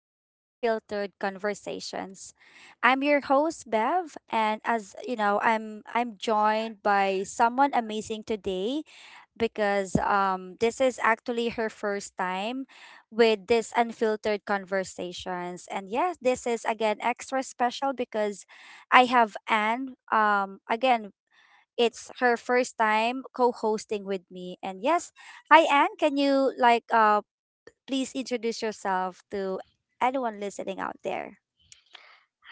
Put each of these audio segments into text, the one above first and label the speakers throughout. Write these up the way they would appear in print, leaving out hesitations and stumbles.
Speaker 1: to Unfiltered Conversations. I'm your host, Bev, and as you know, I'm joined by someone amazing today because this is actually her first time with this Unfiltered Conversations, and yes, this is again extra special because I have Anne. Again, it's her first time co-hosting with me, and yes, hi Anne, can you Please introduce yourself to anyone listening out there.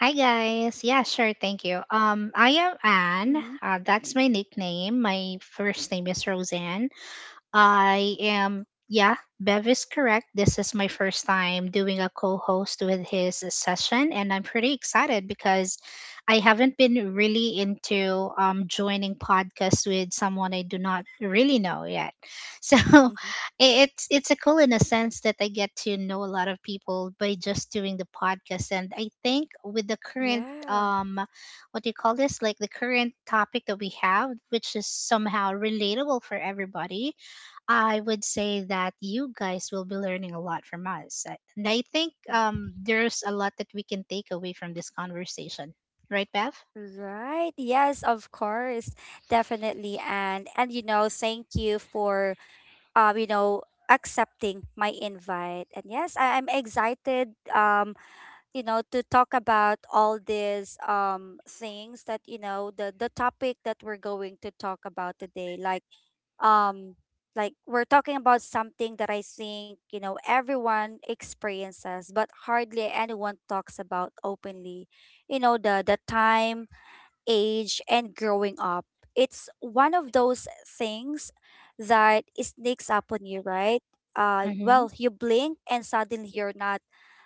Speaker 2: Hi guys. Yeah, sure. Thank you. I am Anne.
Speaker 1: Mm-hmm.
Speaker 2: That's my nickname. My first name is Roseanne. I am, yeah, Bev is correct. This is my first time doing a co host with his session, and I'm pretty excited because I haven't been really into joining podcasts with someone I do not really know yet. So i- it's a cool in a sense that I get to know a lot of people by just doing the podcast, and I think with the current
Speaker 1: Yeah.
Speaker 2: what do you call this? Like the current topic that we have, which is somehow relatable for everybody, I would say that you guys will be learning a lot from us. And I think there's a lot that we can take away from this conversation. Right, Bev?
Speaker 1: Right. Yes, of course. Definitely. And you know, thank you for you know, accepting my invite. And yes, I'm excited, you know, to talk about all these things that, you know, the topic that we're going to talk about today. Um like we're talking about something that I think, you know, everyone experiences, but hardly anyone talks about openly. You know, the time, age and growing up. It's one of those things that sneaks up on you, right? Uh
Speaker 2: Mm-hmm.
Speaker 1: well, you blink and suddenly you're not,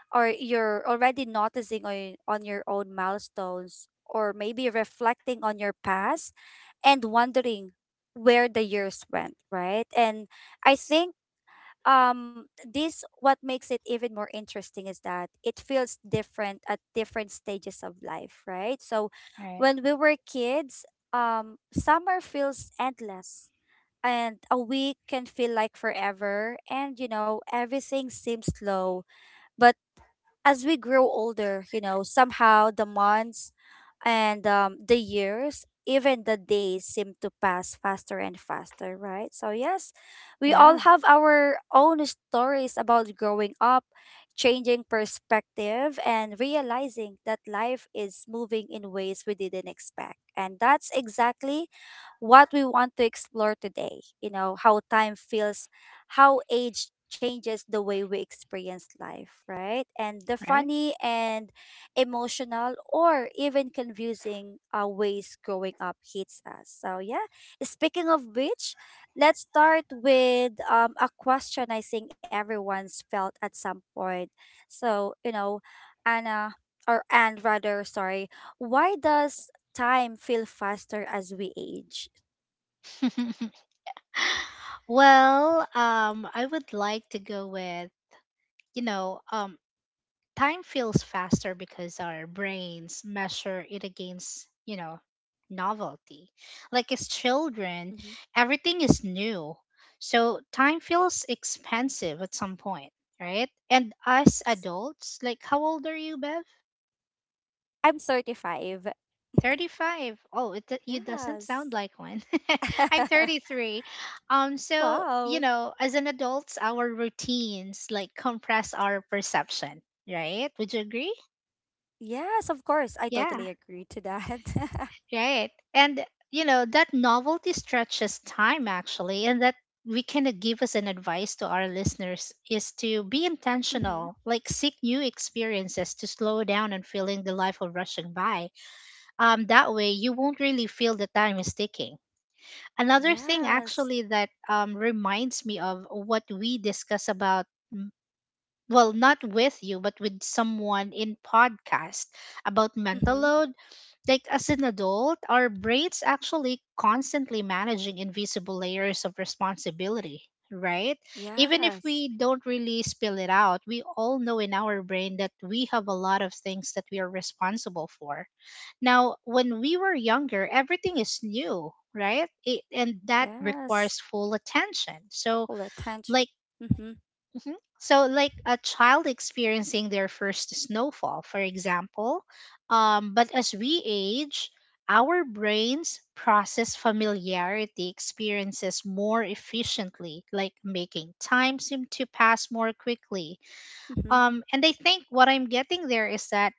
Speaker 1: or you're already noticing on your own milestones, or maybe reflecting on your past and wondering where the years went, right? And i think um this what makes it even more interesting is that it feels different at different stages of life, right? So
Speaker 2: Right.
Speaker 1: when we were kids, summer feels endless, and a week can feel like forever, and you know, everything seems slow. But as we grow older, you know, somehow the months and, the years, even the days seem to pass faster and faster, right? So, yes, we all
Speaker 2: Yeah,
Speaker 1: have our own stories about growing up, changing perspective, and realizing that life is moving in ways we didn't expect. And that's exactly what we want to explore today. You know, how time feels, how age changes the way we experience life, right? And the
Speaker 2: right?
Speaker 1: funny and emotional, or even confusing ways growing up hits us. So, yeah, speaking of which, let's start with a question I think everyone's felt at some point. So, you know, Anna, or and rather, sorry, why does time feel faster as we age?
Speaker 2: Well, I would like to go with, you know, um, time feels faster because our brains measure it against, you know, novelty. Like as children,
Speaker 1: Mhm.
Speaker 2: everything is new. So time feels expensive at some point, right? And us adults, like how old are you, Bev?
Speaker 1: I'm 35.
Speaker 2: 35. Oh, it, do- you doesn't
Speaker 1: Yes.
Speaker 2: sound like one. I'm 33. You
Speaker 1: Wow.
Speaker 2: know, as an adults, our routines like compress our perception, right? Would you agree?
Speaker 1: Yes, of course. I
Speaker 2: Yeah.
Speaker 1: totally agree to that.
Speaker 2: Right. And, you know, that novelty stretches time actually. And that we can give as an advice to our listeners is to be intentional,
Speaker 1: Mm-hmm.
Speaker 2: like seek new experiences to slow down and feeling the life of rushing by. That way, you won't really feel the time is ticking. Another thing
Speaker 1: Yes.
Speaker 2: actually that reminds me of what we discuss about. mm, Well, not with you, but with someone in podcast about mental
Speaker 1: Mm-hmm.
Speaker 2: load, like as an adult, our brains actually constantly managing invisible layers of responsibility, right? Even if
Speaker 1: Yes.
Speaker 2: we don't really spill it out, we all know in our brain that we have a lot of things that we are responsible for. Now, when we were younger, everything is new, right? It, and that
Speaker 1: Yes.
Speaker 2: requires full attention. So,
Speaker 1: All attention.
Speaker 2: like
Speaker 1: Mm-hmm.
Speaker 2: Mhm. So, like a child experiencing their first snowfall, for example. But as we age, our brains process familiarity experiences more efficiently, like making time seem to pass more quickly.
Speaker 1: Mm-hmm.
Speaker 2: And I think what I'm getting there is that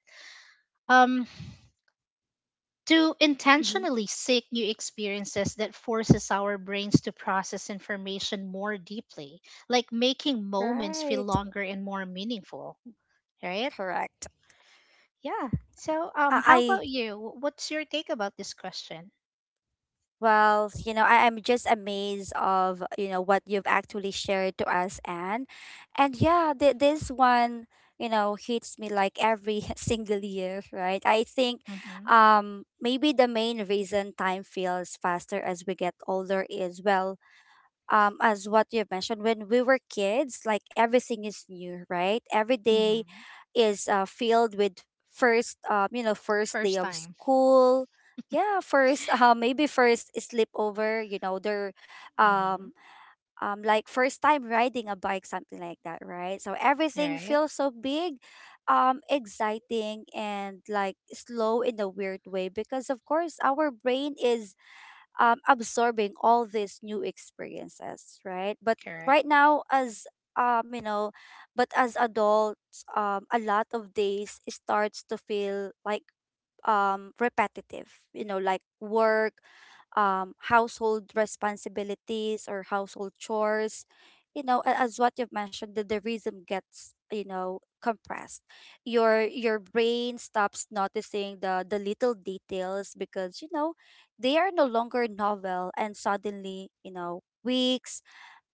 Speaker 2: um, to
Speaker 1: Mm-hmm.
Speaker 2: intentionally seek new experiences that forces our brains to process information more deeply, like making moments feel
Speaker 1: Right.
Speaker 2: longer and more meaningful, right?
Speaker 1: Correct.
Speaker 2: Yeah. So, how
Speaker 1: I
Speaker 2: about you? What's your take about this question?
Speaker 1: Well, you know, I am just amazed of, you know, what you've actually shared to us, Anne. And yeah, th this one, you know, hits me like every single year, right? I think
Speaker 2: Mm-hmm.
Speaker 1: maybe the main reason time feels faster as we get older is, well, as what you mentioned, when we were kids, like everything is new, right? Every day
Speaker 2: Mm-hmm.
Speaker 1: is filled with first, you know, first day
Speaker 2: First
Speaker 1: of
Speaker 2: time.
Speaker 1: school. Yeah, first, maybe first sleepover, you know, their,
Speaker 2: Mm-hmm.
Speaker 1: um, like first time riding a bike, something like that, right? So everything
Speaker 2: Right.
Speaker 1: feels so big, exciting and like slow in a weird way, because of course our brain is, absorbing all these new experiences, right? But
Speaker 2: Correct.
Speaker 1: right now, as, you know, but as adults, a lot of days starts to feel like repetitive, you know, like work, household responsibilities or household chores. You know, as what you've mentioned, that the rhythm gets, you know, compressed. Your brain stops noticing the little details, because you know, they are no longer novel, and suddenly, you know, weeks,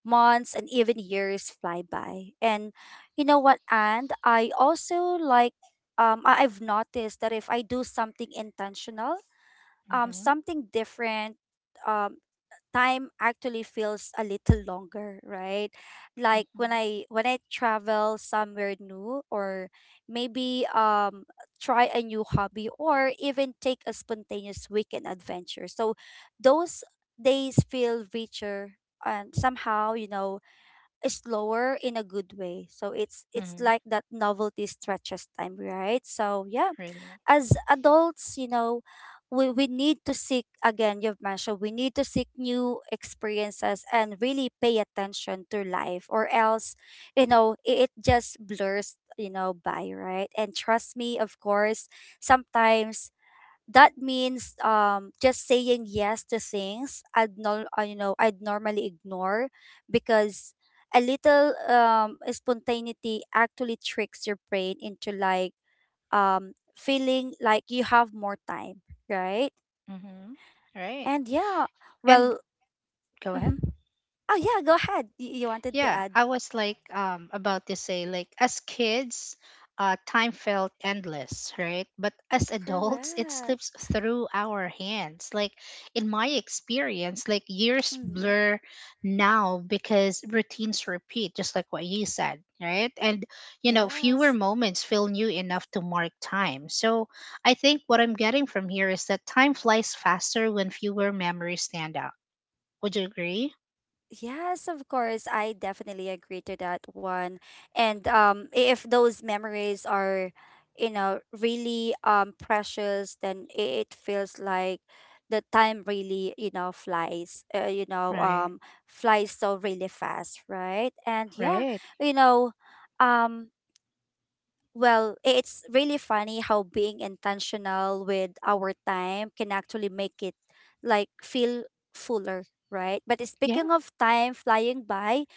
Speaker 1: months and even years fly by. And you know what? And I also like, I've noticed that if I do something intentional,
Speaker 2: Mm-hmm.
Speaker 1: something different, um time actually feels a little longer, right? Like when
Speaker 2: Mm-hmm.
Speaker 1: I travel somewhere new, or maybe try a new hobby, or even take a spontaneous weekend adventure. So those days feel richer and somehow, you know, slower in a good way. So it's
Speaker 2: Mm-hmm.
Speaker 1: like that novelty stretches time, right? So yeah,
Speaker 2: Really.
Speaker 1: as adults, you know, we need to seek, again, you've mentioned, we need to seek new experiences and really pay attention to life, or else, you know, it just blurs, you know, by, right? And trust me, of course, sometimes that means just saying yes to things I'd no, you know, I'd normally ignore, because a little spontaneity actually tricks your brain into like feeling like you have more time, right?
Speaker 2: Mm-hmm. Right.
Speaker 1: And yeah,
Speaker 2: And
Speaker 1: well,
Speaker 2: go ahead.
Speaker 1: mm-hmm. Oh yeah, go ahead. You wanted to
Speaker 2: Yeah,
Speaker 1: add?
Speaker 2: I was like about to say like as kids, time felt endless, right? But as adults, it
Speaker 1: Correct.
Speaker 2: slips through our hands. Like in my experience, like years
Speaker 1: Hmm.
Speaker 2: blur now because routines repeat just like what you said, right? And you know,
Speaker 1: Yes.
Speaker 2: fewer moments feel new enough to mark time. So, I think what I'm getting from here is that time flies faster when fewer memories stand out. Would you agree?
Speaker 1: Yes, of course. I definitely agree to that one. And if those memories are, you know, really precious, then it feels like the time really, you know, flies. You know,
Speaker 2: Right.
Speaker 1: flies so really fast, right? And yeah,
Speaker 2: Right.
Speaker 1: you know, um. Well, it's really funny how being intentional with our time can actually make it like feel fuller, right? But
Speaker 2: Yeah.
Speaker 1: speaking of time flying by,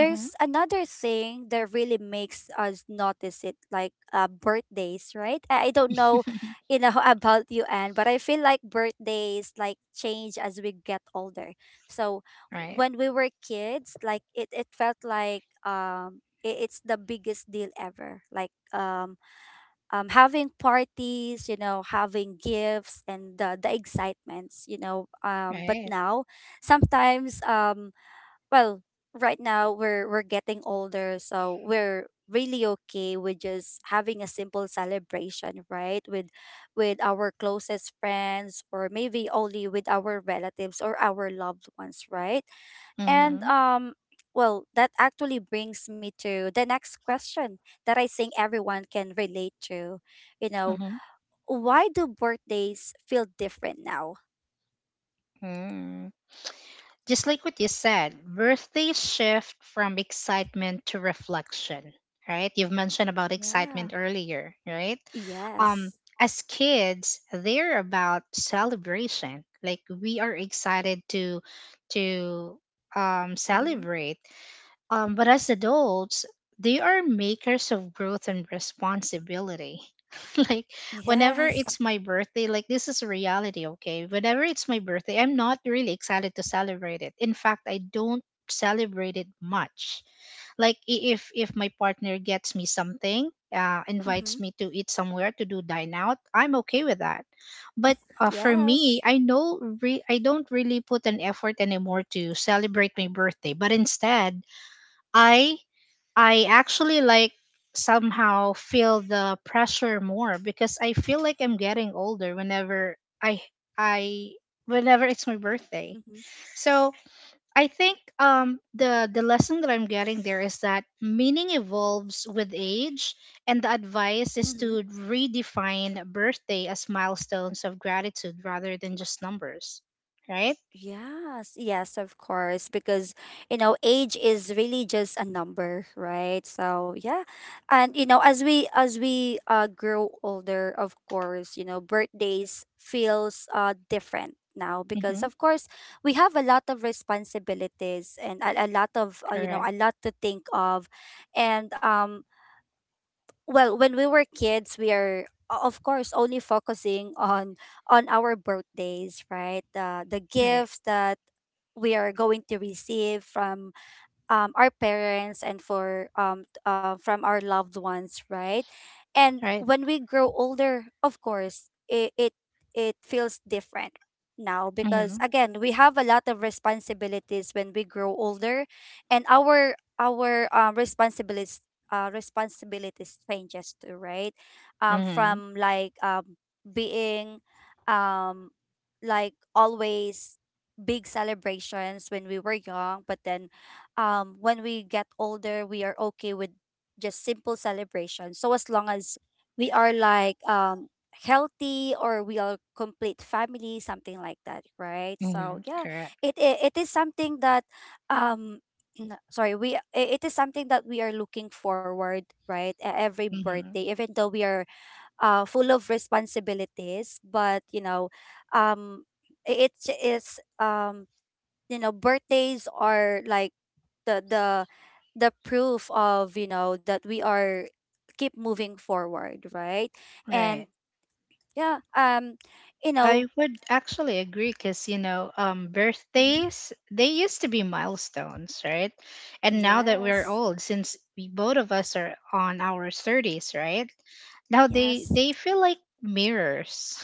Speaker 2: Mm-hmm.
Speaker 1: another thing that really makes us notice it, like birthdays, right? I don't know, you know, about you, Anne, but I feel like birthdays like change as we get older. So
Speaker 2: Right.
Speaker 1: when we were kids, like it felt like it's the biggest deal ever. Like having parties, you know, having gifts and the excitements, you know. But
Speaker 2: Right.
Speaker 1: now, sometimes, well, right now we're getting older, so we're really okay with just having a simple celebration, right? With our closest friends, or maybe only with our relatives or our loved ones, right? And
Speaker 2: Mm-hmm.
Speaker 1: well, that actually brings me to the next question that I think everyone can relate to. You know,
Speaker 2: Mm-hmm.
Speaker 1: why do birthdays feel different now?
Speaker 2: Mm. Just like what you said, birthdays shift from excitement to reflection, right? You've mentioned about
Speaker 1: Yeah.
Speaker 2: excitement earlier, right? Um,
Speaker 1: Yes.
Speaker 2: as kids, they're about celebration. Like we are excited to
Speaker 1: Mm-hmm.
Speaker 2: celebrate. But as adults, they are makers of growth and responsibility. Like, whenever
Speaker 1: Yes.
Speaker 2: it's my birthday, like, this is reality, okay? Whenever it's my birthday, I'm not really excited to celebrate it. In fact, I don't celebrate it much. Like, if my partner gets me something,
Speaker 1: Mm-hmm.
Speaker 2: invites me to eat somewhere to do dine out, I'm okay with that. But for me,
Speaker 1: Yes.
Speaker 2: I know I don't really put an effort anymore to celebrate my birthday. But instead, I I actually like somehow feel the pressure more because I feel like I'm getting older whenever I I whenever it's my birthday.
Speaker 1: Mm-hmm.
Speaker 2: So I think the lesson that I'm getting there is that meaning evolves with age, and the advice is
Speaker 1: Mm-hmm.
Speaker 2: to redefine birthday as milestones of gratitude rather than just numbers. Right?
Speaker 1: Yes, yes, of course, because you know, age is really just a number, right? So yeah, and you know, as we grow older, of course, you know, birthdays feels different now, because
Speaker 2: Mhm.
Speaker 1: of course we have a lot of responsibilities and a lot of you know,
Speaker 2: Correct.
Speaker 1: a lot to think of, and well, when we were kids, we are of course only focusing on our birthdays, right? the
Speaker 2: Right.
Speaker 1: gifts that we are going to receive from our parents and for from our loved ones, right? And
Speaker 2: Right.
Speaker 1: when we grow older, of course, it feels different now, because
Speaker 2: Mhm.
Speaker 1: again we have a lot of responsibilities when we grow older, and our responsibilities changes too, right?
Speaker 2: Mhm.
Speaker 1: From like being um, like always big celebrations when we were young, but then when we get older, we are okay with just simple celebration. So as long as we are like healthy or we are complete family, something like that, right? So
Speaker 2: Mhm.
Speaker 1: yeah,
Speaker 2: Correct.
Speaker 1: it is something that um it is something that we are looking forward, right, every
Speaker 2: Mm-hmm.
Speaker 1: birthday, even though we are full of responsibilities, but you know um I- it's you know birthdays are like the the the proof of, you know, that we are keep moving forward, right?
Speaker 2: Right.
Speaker 1: And yeah you
Speaker 2: I
Speaker 1: know
Speaker 2: would actually agree because, you know,
Speaker 1: mhm,
Speaker 2: birthdays, they used to be milestones, right? And now that we're
Speaker 1: yes.
Speaker 2: old, since we, both of us are on our 30s, right? Now
Speaker 1: Yes.
Speaker 2: they feel like mirrors.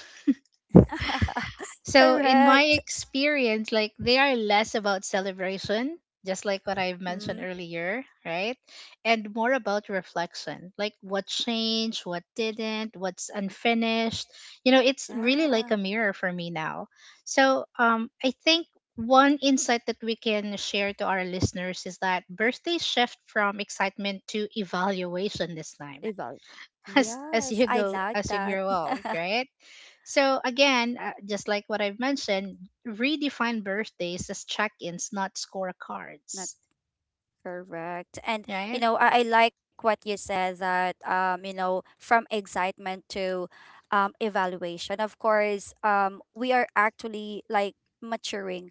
Speaker 2: So, in my
Speaker 1: Correct.
Speaker 2: experience, like they are less about celebration, just like what I've mentioned
Speaker 1: Mm,
Speaker 2: earlier, right? And more about reflection, like what changed, what didn't, what's unfinished. You know, it's really like
Speaker 1: yeah.
Speaker 2: a mirror for me now. So, I think one insight that we can share to our listeners is that birthdays shift from excitement to evaluation this time
Speaker 1: Evolve.
Speaker 2: as
Speaker 1: Yes,
Speaker 2: you
Speaker 1: I
Speaker 2: go
Speaker 1: like
Speaker 2: as you
Speaker 1: that.
Speaker 2: grow old, right? So again, just like what I've mentioned, redefine birthdays as check-ins, not scorecards,
Speaker 1: Correct. And you
Speaker 2: right?
Speaker 1: know, I like what you said that you know, from excitement to evaluation. Of course, we are actually like maturing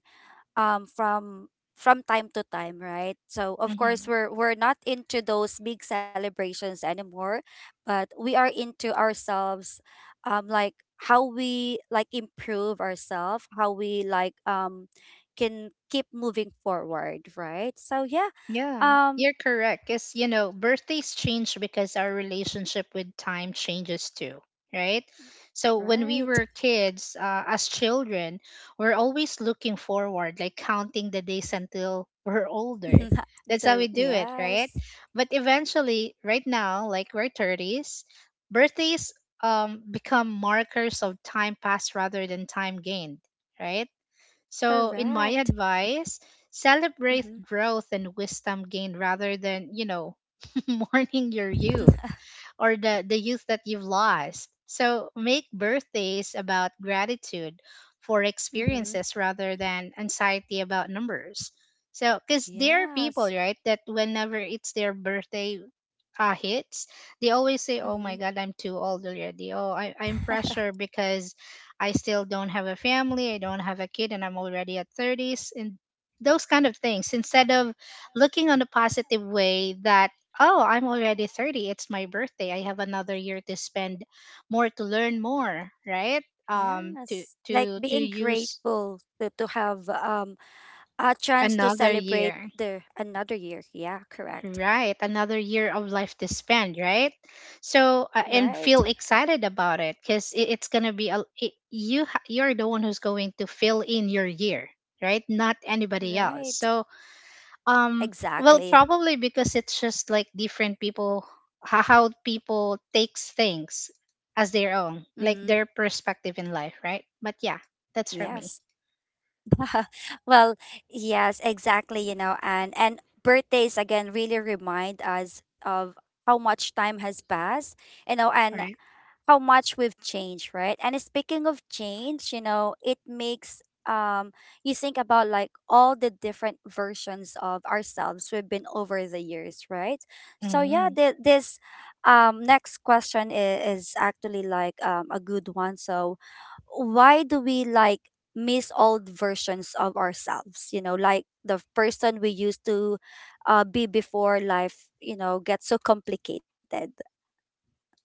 Speaker 1: um from from time to time, right? So of
Speaker 2: Hmm.
Speaker 1: course we're not into those big celebrations anymore, but we are into ourselves um, like how we like improve ourselves, how we like can keep moving forward, right? So yeah
Speaker 2: Yeah,
Speaker 1: um
Speaker 2: you're correct. Because, you know, birthdays change because our relationship with time changes too, right? So when we
Speaker 1: right.
Speaker 2: were kids, as children, we're always looking forward, like counting the days until we're older. That's how
Speaker 1: The,
Speaker 2: we do it, right?
Speaker 1: yes.
Speaker 2: But eventually, right now, like we're 30s, birthdays become markers of time passed rather than time gained, right? So, in my
Speaker 1: Correct.
Speaker 2: advice, celebrate
Speaker 1: Mm-hmm.
Speaker 2: growth and wisdom gained rather than, you know, mourning your youth or the youth that you've lost. So, make birthdays about gratitude for
Speaker 1: Mm-hmm.
Speaker 2: experiences rather than anxiety about numbers. So, because there are people,
Speaker 1: Yes.
Speaker 2: right, that whenever it's their birthday, hits, they always say, "Oh
Speaker 1: Mm-hmm.
Speaker 2: my God, I'm too old already. Oh, I, I'm pressure because I still don't have a family, I don't have a kid, and I'm already at 30s." And those kind of things. Instead of looking on a positive way that, "Oh, I'm already 30. It's my birthday. I have another year to spend more to learn more, right? To
Speaker 1: Yes, like
Speaker 2: to to
Speaker 1: being
Speaker 2: use
Speaker 1: grateful to have a chance to
Speaker 2: another
Speaker 1: celebrate
Speaker 2: year."
Speaker 1: the another year. Yeah, correct.
Speaker 2: Right, another year of life to spend, right? So and
Speaker 1: Right,
Speaker 2: feel excited about it because it, it's gonna be a it, you're the one who's going to fill in your year, right? Not anybody else.
Speaker 1: right,
Speaker 2: So um, well,
Speaker 1: exactly.
Speaker 2: probably because it's just like different people how people takes things as their own,
Speaker 1: Mm-hmm.
Speaker 2: like their perspective in life, right? But yeah, that's for
Speaker 1: Yes.
Speaker 2: me,
Speaker 1: Well, yes, exactly. You know, and birthdays again really remind us of how much time has passed. You know, and
Speaker 2: right?
Speaker 1: how much we've changed, right? And speaking of change, you know, it makes um you think about like all the different versions of ourselves we've been over the years, right? So yeah,
Speaker 2: Mm-hmm.
Speaker 1: this next question is, actually like a good one. So why do we like miss old versions of ourselves? You know, like the person we used to be before life, you know, gets so complicated.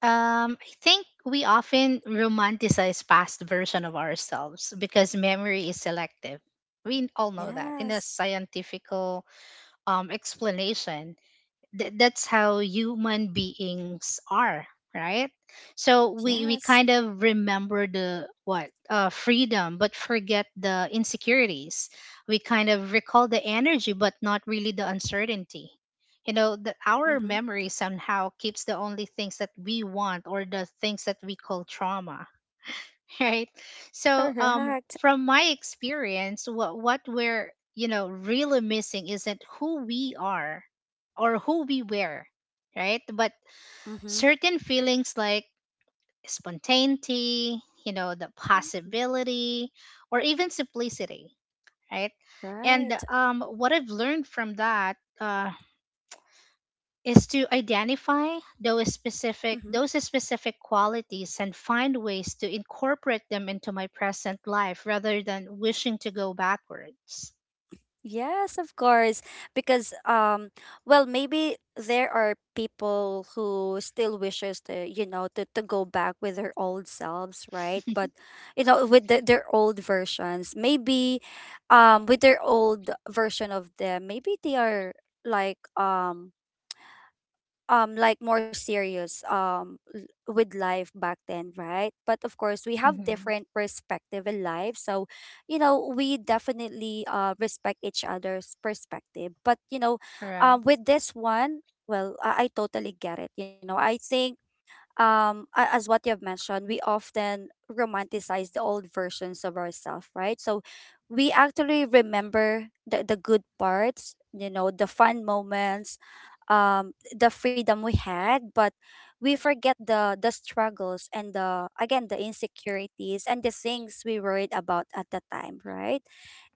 Speaker 2: I think we often romanticize past version of ourselves because memory is selective. We all know that in a
Speaker 1: Yes.
Speaker 2: scientific explanation. That's how human beings are, right? So we
Speaker 1: Yes.
Speaker 2: kind of remember the what freedom, but forget the insecurities. We kind of recall the energy, but not really the uncertainty. You know, the, our
Speaker 1: Mm-hmm.
Speaker 2: memory somehow keeps the only things that we want or the things that we call trauma right? So,
Speaker 1: Correct.
Speaker 2: from my experience, what we're you know really missing isn't who we are or who we were, right? But
Speaker 1: Mm-hmm.
Speaker 2: certain feelings like spontaneity, you know, the
Speaker 1: Mhm.
Speaker 2: possibility, or even simplicity, right? And
Speaker 1: Right.
Speaker 2: what I've learned from that. Is to identify
Speaker 1: Mm-hmm.
Speaker 2: those specific qualities and find ways to incorporate them into my present life rather than wishing to go backwards.
Speaker 1: Yes, of course. Because well maybe there are people who still wishes to, you know, to go back with their old selves, right? But you know, with their old versions, maybe with their old version of them, maybe they are like um like more serious, with life back then, right? But of course we have
Speaker 2: Mm-hmm.
Speaker 1: different perspective in life. So you know we definitely respect each other's perspective, but you know,
Speaker 2: Correct.
Speaker 1: with this one, well, I totally get it, you know. I think as what you've mentioned, we often romanticize the old versions of ourselves, right? So we actually remember the good parts, you know, the fun moments, um the freedom we had, but we forget the struggles and the, again, the insecurities and the things we worried about at the time, right?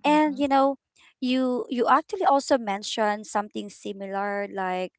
Speaker 1: And
Speaker 2: Mm-hmm.
Speaker 1: you know, you actually also mentioned something similar, like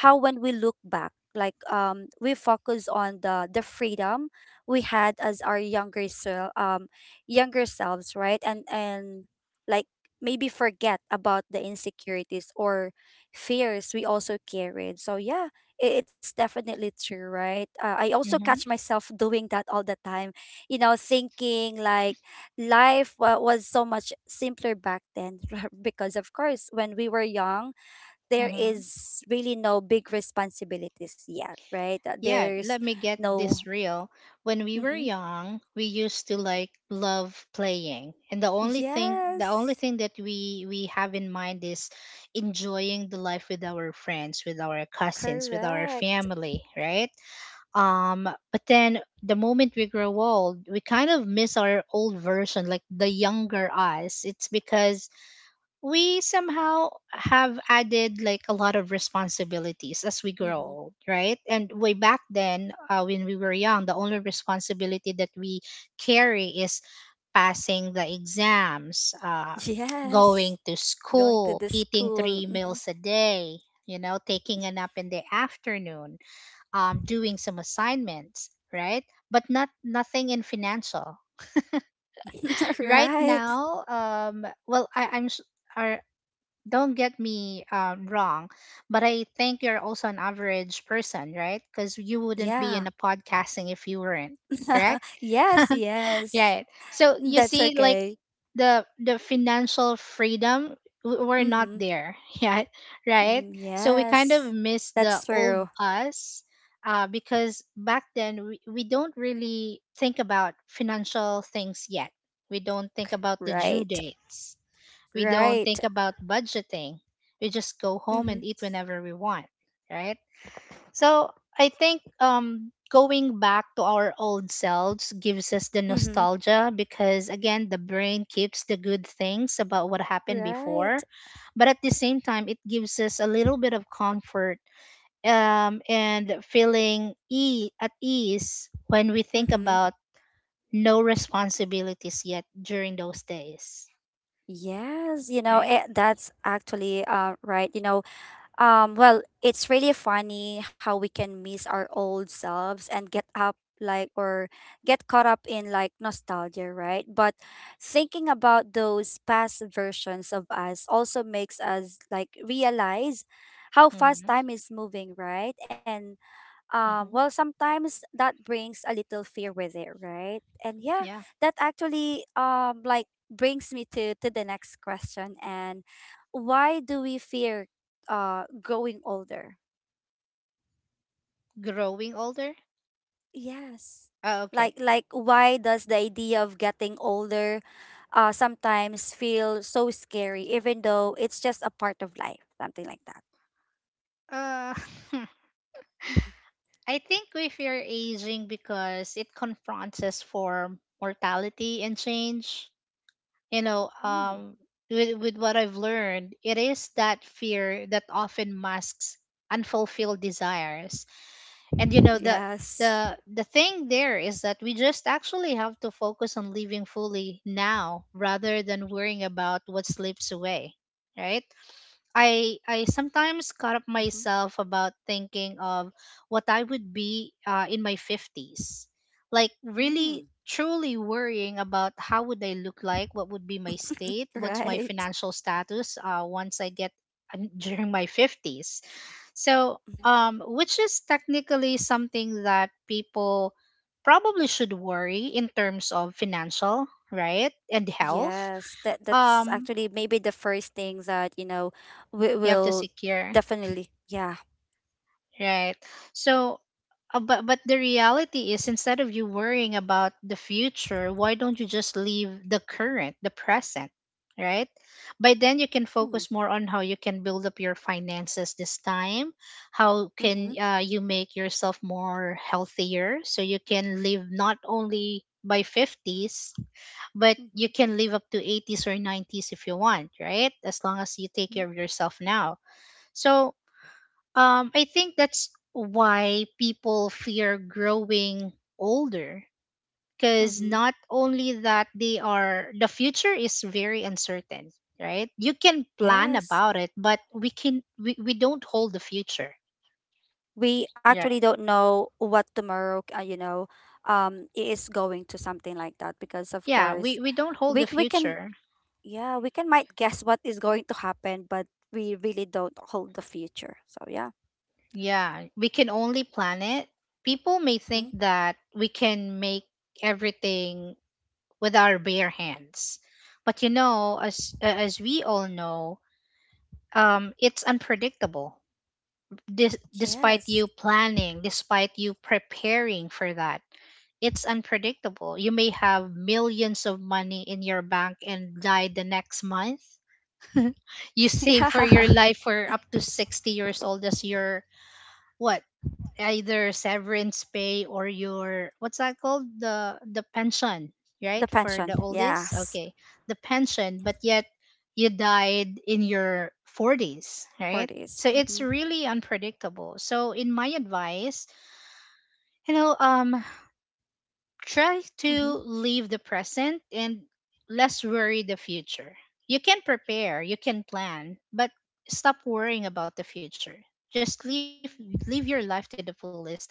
Speaker 1: how when we look back, like we focus on the freedom we had as our younger self younger selves, right? And like maybe forget about the insecurities or fears we also carried. So yeah, it's definitely true, right? I also catch
Speaker 2: Mm-hmm.
Speaker 1: myself doing that all the time, you know, thinking like life wa was so much simpler back then because of course when we were young there
Speaker 2: Mm-hmm.
Speaker 1: is really no big responsibilities yet, right?
Speaker 2: Yeah,
Speaker 1: There's
Speaker 2: let me get
Speaker 1: no.
Speaker 2: this real. When we were
Speaker 1: Hmm.
Speaker 2: young, we used to like love playing, and the only
Speaker 1: Yes,
Speaker 2: thing that we have in mind is enjoying the life with our friends, with our cousins, with our
Speaker 1: correct.
Speaker 2: family, right? Um, but then the moment we grow old we kind of miss our old version, like the younger us. It's because we somehow have added like a lot of responsibilities as we grow
Speaker 1: Hmm.
Speaker 2: old, right? And way back then, when we were young, the only responsibility that we carry is passing the exams,
Speaker 1: Yes,
Speaker 2: going to
Speaker 1: going to
Speaker 2: school,
Speaker 1: the
Speaker 2: eating
Speaker 1: school.
Speaker 2: three
Speaker 1: Mhm.
Speaker 2: meals a day, you know, taking a nap in the afternoon, doing some assignments, right? But not nothing in financial. Right
Speaker 1: Right.
Speaker 2: now, well, I, I'm s- are don't get me wrong, but I think you're also an average person, right? Because you wouldn't
Speaker 1: Yeah.
Speaker 2: be in a podcasting if you weren't, correct?
Speaker 1: Yes, yes.
Speaker 2: Right. So you
Speaker 1: That's
Speaker 2: see, like
Speaker 1: okay.
Speaker 2: the financial freedom, we're not
Speaker 1: Mm-hmm.
Speaker 2: there yet, right?
Speaker 1: Mm,
Speaker 2: So we kind of
Speaker 1: yes,
Speaker 2: miss the
Speaker 1: that's
Speaker 2: old
Speaker 1: true.
Speaker 2: us because back then we don't really think about financial things yet, we don't think about the due
Speaker 1: Right.
Speaker 2: dates, we don't
Speaker 1: Right.
Speaker 2: think about budgeting, we just go home and
Speaker 1: Mm-hmm.
Speaker 2: eat whenever we want, right? So I think going back to our old selves gives us the
Speaker 1: Mm-hmm.
Speaker 2: nostalgia because, again, the brain keeps the good things about what happened before.
Speaker 1: Right.
Speaker 2: But at the same time, it gives us a little bit of comfort and feeling at ease when we think
Speaker 1: Mm-hmm.
Speaker 2: about no responsibilities yet during those days,
Speaker 1: Yes, you know,
Speaker 2: right?
Speaker 1: it, that's actually right. You know, well, it's really funny how we can miss our old selves and get up like or get caught up in like nostalgia, right? But thinking about those past versions of us also makes us like realize how fast
Speaker 2: Hmm.
Speaker 1: time is moving, right? And well,
Speaker 2: Hmm.
Speaker 1: sometimes that brings a little fear with it, right? And yeah,
Speaker 2: Yeah,
Speaker 1: that actually like brings me to the next question. And why do we fear growing older?
Speaker 2: growing older.
Speaker 1: Yes.
Speaker 2: Oh, okay.
Speaker 1: Why does the idea of getting older sometimes feel so scary even though it's just a part of life, something like that?
Speaker 2: Uh,
Speaker 1: Mhm.
Speaker 2: I think we fear aging because it confronts us for mortality and change. You know,
Speaker 1: Mm.
Speaker 2: um, with what I've learned, it is that fear that often masks unfulfilled desires. And you know, the
Speaker 1: Yes.
Speaker 2: the the thing there is that we just actually have to focus on living fully now rather than worrying about what slips away, right? I sometimes caught up myself about thinking of what I would be in my fifties, like
Speaker 1: Hmm.
Speaker 2: really truly worrying about how would I look like, what would be my state, what's my
Speaker 1: Right.
Speaker 2: financial status once I get during my fifties. So,
Speaker 1: Mm-hmm.
Speaker 2: which is technically something that people probably should worry in terms of financial, right, and health.
Speaker 1: Yes, that that's
Speaker 2: Um,
Speaker 1: actually maybe the first thing that, you know, we
Speaker 2: you have to
Speaker 1: will
Speaker 2: secure.
Speaker 1: definitely, yeah.
Speaker 2: Right. So, but the reality is, instead of you worrying about the future, why don't you just leave the current, the present, right? By then, you can focus
Speaker 1: Mm,
Speaker 2: more on how you can build up your finances this time. How can
Speaker 1: mm-hmm,
Speaker 2: you make yourself more healthier so you can live not only by 50s, but you
Speaker 1: mm-hmm,
Speaker 2: can live up to 80s or 90s if you want, right? As long as you take care
Speaker 1: Mhm.
Speaker 2: of yourself now. So I think that's why people fear growing older because not
Speaker 1: Mm-hmm.
Speaker 2: only that they are the future is very uncertain, right? You can plan
Speaker 1: Yes.
Speaker 2: about it, but we don't hold the future.
Speaker 1: We
Speaker 2: Yeah.
Speaker 1: actually don't know what tomorrow, you know, is going to, something like that, because of
Speaker 2: Yeah, we,
Speaker 1: course,
Speaker 2: we don't hold the
Speaker 1: we can,
Speaker 2: future.
Speaker 1: yeah, we can might guess what is going to happen, but we really don't hold the future. So yeah.
Speaker 2: Yeah, we can only plan it. People may
Speaker 1: Mm-hmm.
Speaker 2: think that we can make everything with our bare hands. But you know, as we all know, it's unpredictable. Despite
Speaker 1: Yes.
Speaker 2: you planning, despite you preparing for that, it's unpredictable. You may have millions of money in your bank and die the next month. You save
Speaker 1: Yeah.
Speaker 2: for your life for up to 60 years old as your what either severance pay or your what's that called, the pension,
Speaker 1: The
Speaker 2: right, for
Speaker 1: pension.
Speaker 2: the oldest,
Speaker 1: Yes.
Speaker 2: okay, the pension. But yet you died in your 40s, right?
Speaker 1: Word is.
Speaker 2: So it's
Speaker 1: Mm-hmm.
Speaker 2: really unpredictable. So in my advice, you know um try
Speaker 1: Mm-hmm.
Speaker 2: to live the present and less worry the future. You can prepare, you can plan, but stop worrying about the future. Just live your life to the fullest, I guess.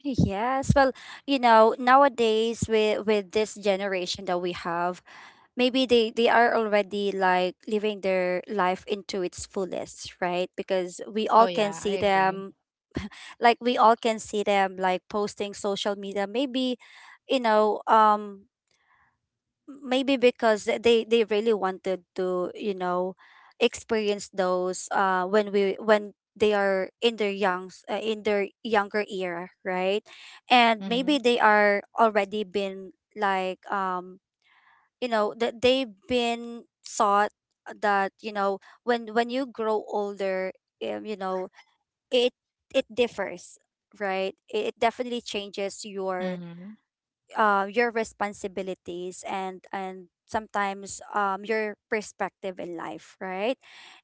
Speaker 1: Yes, well, you know, nowadays with this generation that we have, maybe they are already like living their life into its fullest, right? Because
Speaker 2: Oh
Speaker 1: we
Speaker 2: yeah,
Speaker 1: all
Speaker 2: I
Speaker 1: can see
Speaker 2: agree.
Speaker 1: them, like we all can see them like posting social media. Maybe, you know, maybe because they really wanted to, you know, experience those when we when they are in their youngs, in their younger era, right? And
Speaker 2: Mhm.
Speaker 1: maybe they are already been like you know, that they've been thought that you know, when you grow older, you know, it it differs, right? It definitely
Speaker 2: Mhm.
Speaker 1: changes your responsibilities and sometimes your perspective in life, right?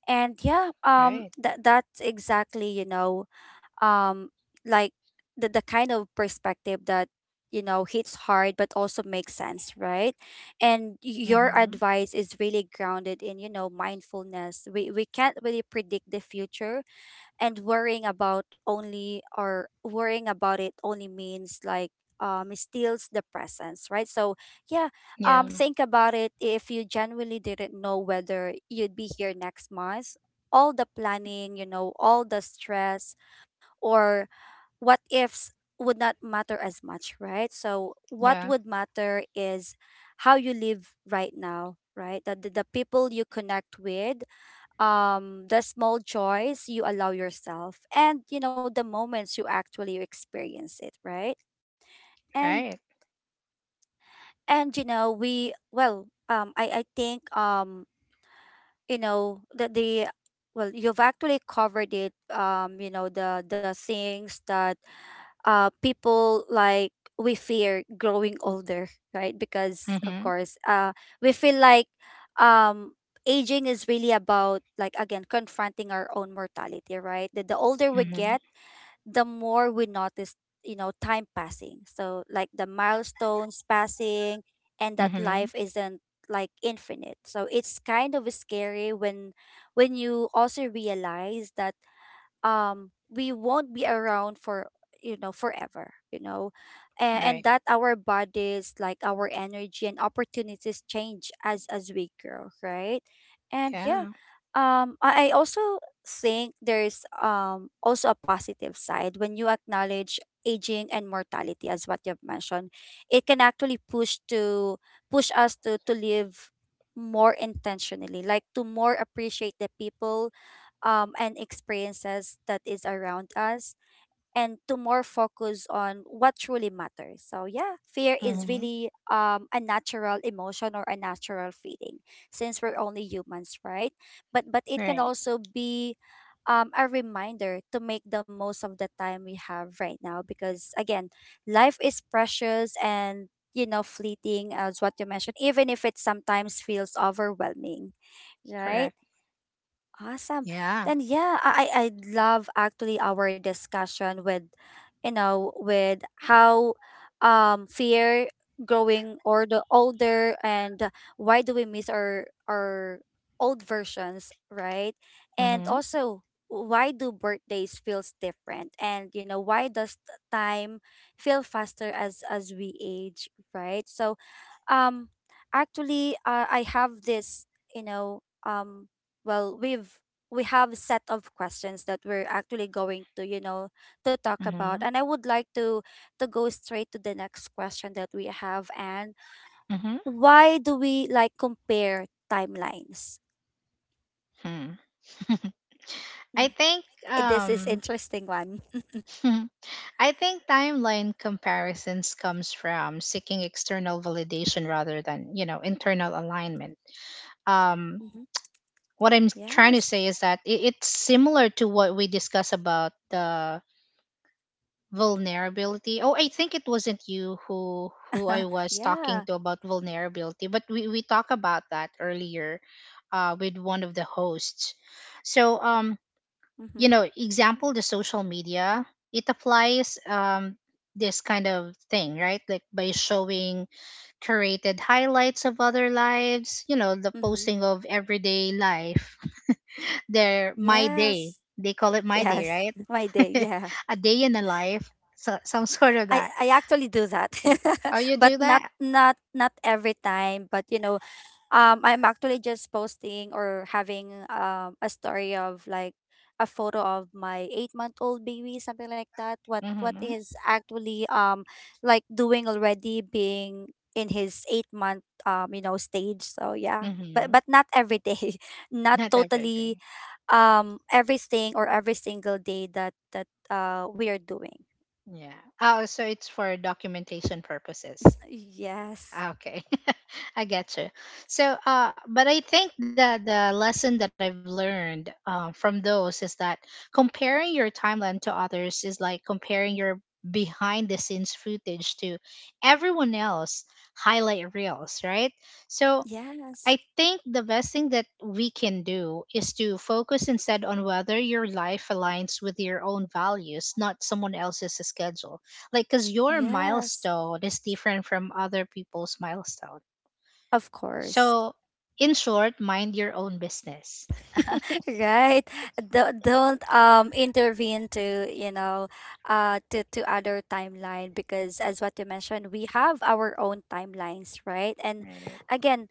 Speaker 1: And
Speaker 2: Right.
Speaker 1: yeah, that that's exactly, you know, um like the kind of perspective that you know hits hard but also makes sense, right? And
Speaker 2: Mhm.
Speaker 1: your advice is really grounded in, you know, mindfulness. We can't really predict the future, and worrying about only or worrying about it only means like it steals the presence, right? So yeah,
Speaker 2: Yeah.
Speaker 1: think about it, if you genuinely didn't know whether you'd be here next month, all the planning, you know, all the stress, or what ifs, would not matter as much, right? So
Speaker 2: Yeah.
Speaker 1: what would matter is how you live right now, right? That the people you connect with, the small joys you allow yourself, and you know, the moments you actually experience it, right?
Speaker 2: Right.
Speaker 1: And you know, we, well, I think, you know that the, well, you've actually covered it, you know, the things that people like we fear growing older, right? Because of
Speaker 2: Mhm.
Speaker 1: course, we feel like um, aging is really about like again confronting our own mortality, right? That the older we
Speaker 2: Mhm.
Speaker 1: get, the more we notice, you know, time passing. So like the milestones passing, and that
Speaker 2: Mhm.
Speaker 1: life isn't like infinite. So it's kind of scary when you also realize that we won't be around for, you know, forever, you know. And,
Speaker 2: Right.
Speaker 1: that our bodies, like our energy and opportunities change as we grow, right? And yeah,
Speaker 2: Yeah.
Speaker 1: I also think there's also a positive side when you acknowledge aging and mortality, as what you've mentioned. It can actually push us to live more intentionally, like to more appreciate the people, and experiences that is around us, and to more focus on what truly matters. So yeah, fear is
Speaker 2: Mhm.
Speaker 1: really a natural emotion or a natural feeling since we're only humans, right? But it can
Speaker 2: Right.
Speaker 1: also be a reminder to make the most of the time we have right now because again, life is precious and you know fleeting as what you mentioned, even if it sometimes feels overwhelming, right?
Speaker 2: Correct.
Speaker 1: Awesome.
Speaker 2: Yeah.
Speaker 1: Then yeah, I love actually our discussion with, you know, with how fear growing or the older, and why do we miss our old versions, right? And
Speaker 2: Mhm.
Speaker 1: also why do birthdays feels different, and you know, why does time feel faster as we age, right? So um actually, I have this, you know, well we have a set of questions that we're actually going to, you know, to talk about,
Speaker 2: Mhm.
Speaker 1: and I would like to go straight to the next question that we have. And
Speaker 2: Mhm.
Speaker 1: why do we like compare timelines?
Speaker 2: Hmm.
Speaker 1: Mm,
Speaker 2: I think
Speaker 1: eh, this is
Speaker 2: um
Speaker 1: interesting one.
Speaker 2: I think timeline comparisons comes from seeking external validation rather than, internal alignment. Um
Speaker 1: Hmm.
Speaker 2: what I'm trying to
Speaker 1: Yes.
Speaker 2: say is that it's similar to what we discussed about the vulnerability. Oh, I think it wasn't you who I was talking
Speaker 1: Yeah.
Speaker 2: to about vulnerability, but we talked about that earlier with one of the hosts. So you
Speaker 1: Mm-hmm.
Speaker 2: know, example the social media, it applies this kind of thing, right? Like by showing curated highlights of other lives, the
Speaker 1: Mm-hmm.
Speaker 2: posting of everyday life their my day.
Speaker 1: Yes,
Speaker 2: They call it my day,
Speaker 1: yes.
Speaker 2: right?
Speaker 1: My day, yeah.
Speaker 2: A day in a life, so some sort of
Speaker 1: I,
Speaker 2: that.
Speaker 1: I actually do that
Speaker 2: Oh, you
Speaker 1: but
Speaker 2: do that?
Speaker 1: not every time, but you know, I'm actually just posting or having a story of like a photo of my 8-month old baby, something like that. What
Speaker 2: Mm-hmm.
Speaker 1: is actually like doing already being in his 8 month, you know, stage. So yeah.
Speaker 2: Mm-hmm.
Speaker 1: But not every day. Not
Speaker 2: Not everything.
Speaker 1: totally everything or every single day that that we are doing.
Speaker 2: Yeah. Oh, so it's for documentation purposes.
Speaker 1: Yes.
Speaker 2: Ah, okay, I get you. So, but I think that the lesson that I've learned from those is that comparing your timeline to others is like comparing your behind the scenes footage to everyone else highlight reels, right? So
Speaker 1: Yes.
Speaker 2: I think the best thing that we can do is to focus instead on whether your life aligns with your own values, not someone else's schedule. Like, because your
Speaker 1: Yes.
Speaker 2: milestone is different from other people's milestone.
Speaker 1: Of course.
Speaker 2: So, in short, mind your own business.
Speaker 1: Right. Don't intervene to, you know, to other timeline, because as what you mentioned, we have our own timelines, right? And
Speaker 2: Right.
Speaker 1: again,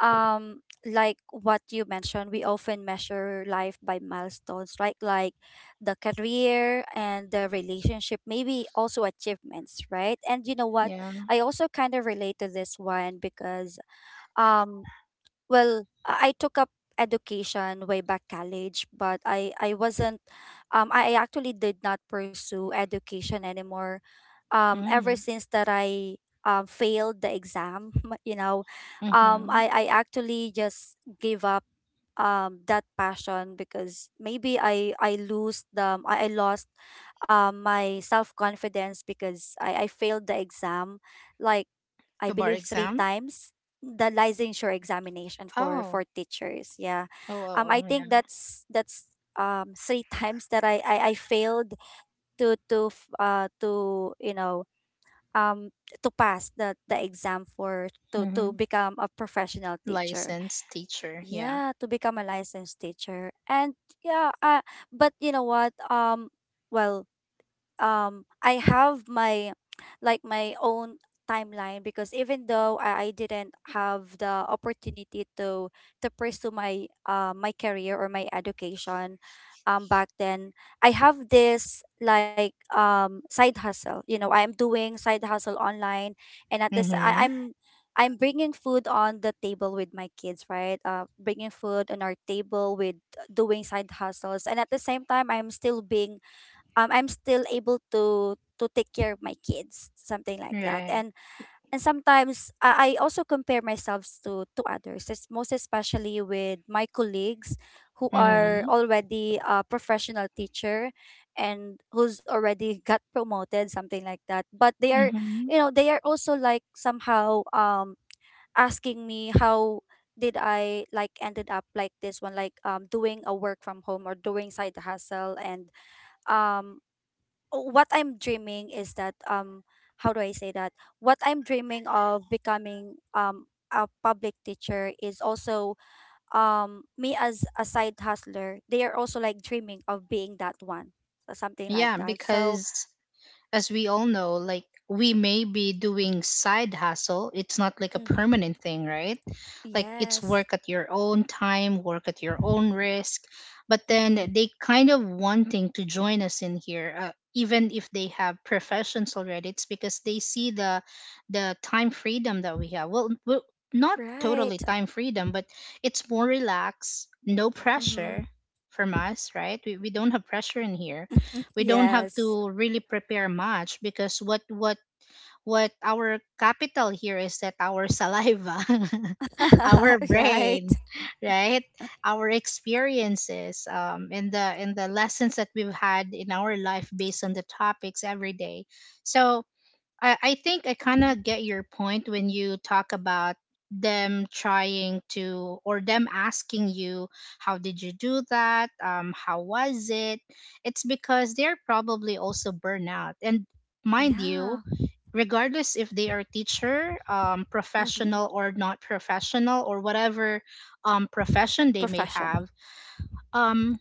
Speaker 1: um like what you mentioned, we often measure life by milestones, right? Like the career and the relationship, maybe also achievements, right? And you know what,
Speaker 2: Yeah.
Speaker 1: I also kind of relate to this one because um well, I took up education way back college, but I wasn't, I actually did not pursue education anymore ever
Speaker 2: Mm.
Speaker 1: since that I failed the exam, you know, um
Speaker 2: Mm-hmm.
Speaker 1: I I actually just gave up that passion because maybe I lose the I lost my self confidence because I failed the exam like, I
Speaker 2: The bar
Speaker 1: believe, three
Speaker 2: exam?
Speaker 1: times the licensure examination for
Speaker 2: Oh.
Speaker 1: teachers. Yeah.
Speaker 2: Oh, oh,
Speaker 1: I
Speaker 2: oh yeah.
Speaker 1: think that's 3 times that I failed to you know, um to pass the exam for to
Speaker 2: Mm-hmm.
Speaker 1: become a professional teacher,
Speaker 2: Licensed teacher. Yeah.
Speaker 1: yeah. To become a licensed teacher. And yeah, but you know what, well I have my like my own timeline. Because even though I didn't have the opportunity to pursue my my career or my education back then, I have this like side hustle, you know, I'm doing side hustle online. And at this,
Speaker 2: Mm-hmm.
Speaker 1: I'm bringing food on the table with my kids, right? Bringing food on our table with doing side hustles, and at the same time I'm still being, I'm still able to take care of my kids, something like that.
Speaker 2: Right.
Speaker 1: And sometimes I also compare myself to others, most especially with my colleagues, who are
Speaker 2: Mm-hmm.
Speaker 1: already a professional teacher and who's already got promoted, something like that. But they are,
Speaker 2: Mm-hmm.
Speaker 1: you know, they are also like somehow asking me how did I like ended up like this one, like doing a work from home or doing side hustle. And um what I'm dreaming is that, how do I say that? What I'm dreaming of becoming a public teacher is also me as a side hustler. They are also like dreaming of being that one. So something like
Speaker 2: Yeah,
Speaker 1: that. So
Speaker 2: because as we all know, like we may be doing side hustle. It's not like a
Speaker 1: mhm,
Speaker 2: permanent thing, right? Like it's
Speaker 1: yes.
Speaker 2: work at your own time, work at your own risk. But then
Speaker 1: Mm-hmm.
Speaker 2: they kind of wanting to join us in here, even if they have professions already. It's because they see the time freedom that we have. Well, not
Speaker 1: Right.
Speaker 2: totally time freedom, but it's more relaxed, no
Speaker 1: Mm-hmm.
Speaker 2: pressure from us, right? We don't have pressure in here, we don't have
Speaker 1: Yes.
Speaker 2: to really prepare much because what our capital here is that our saliva our
Speaker 1: Right.
Speaker 2: brain, right, our experiences and the lessons that we've had in our life based on the topics every day. So I think I kind of
Speaker 1: Hmm.
Speaker 2: get your point when you talk about them trying to or them asking you how did you do that, how was it? It's because they're probably also burnout and mind you,
Speaker 1: Yeah.
Speaker 2: regardless if they are teacher, professional
Speaker 1: Mm-hmm.
Speaker 2: or not professional or whatever profession they may
Speaker 1: Profession.
Speaker 2: have, um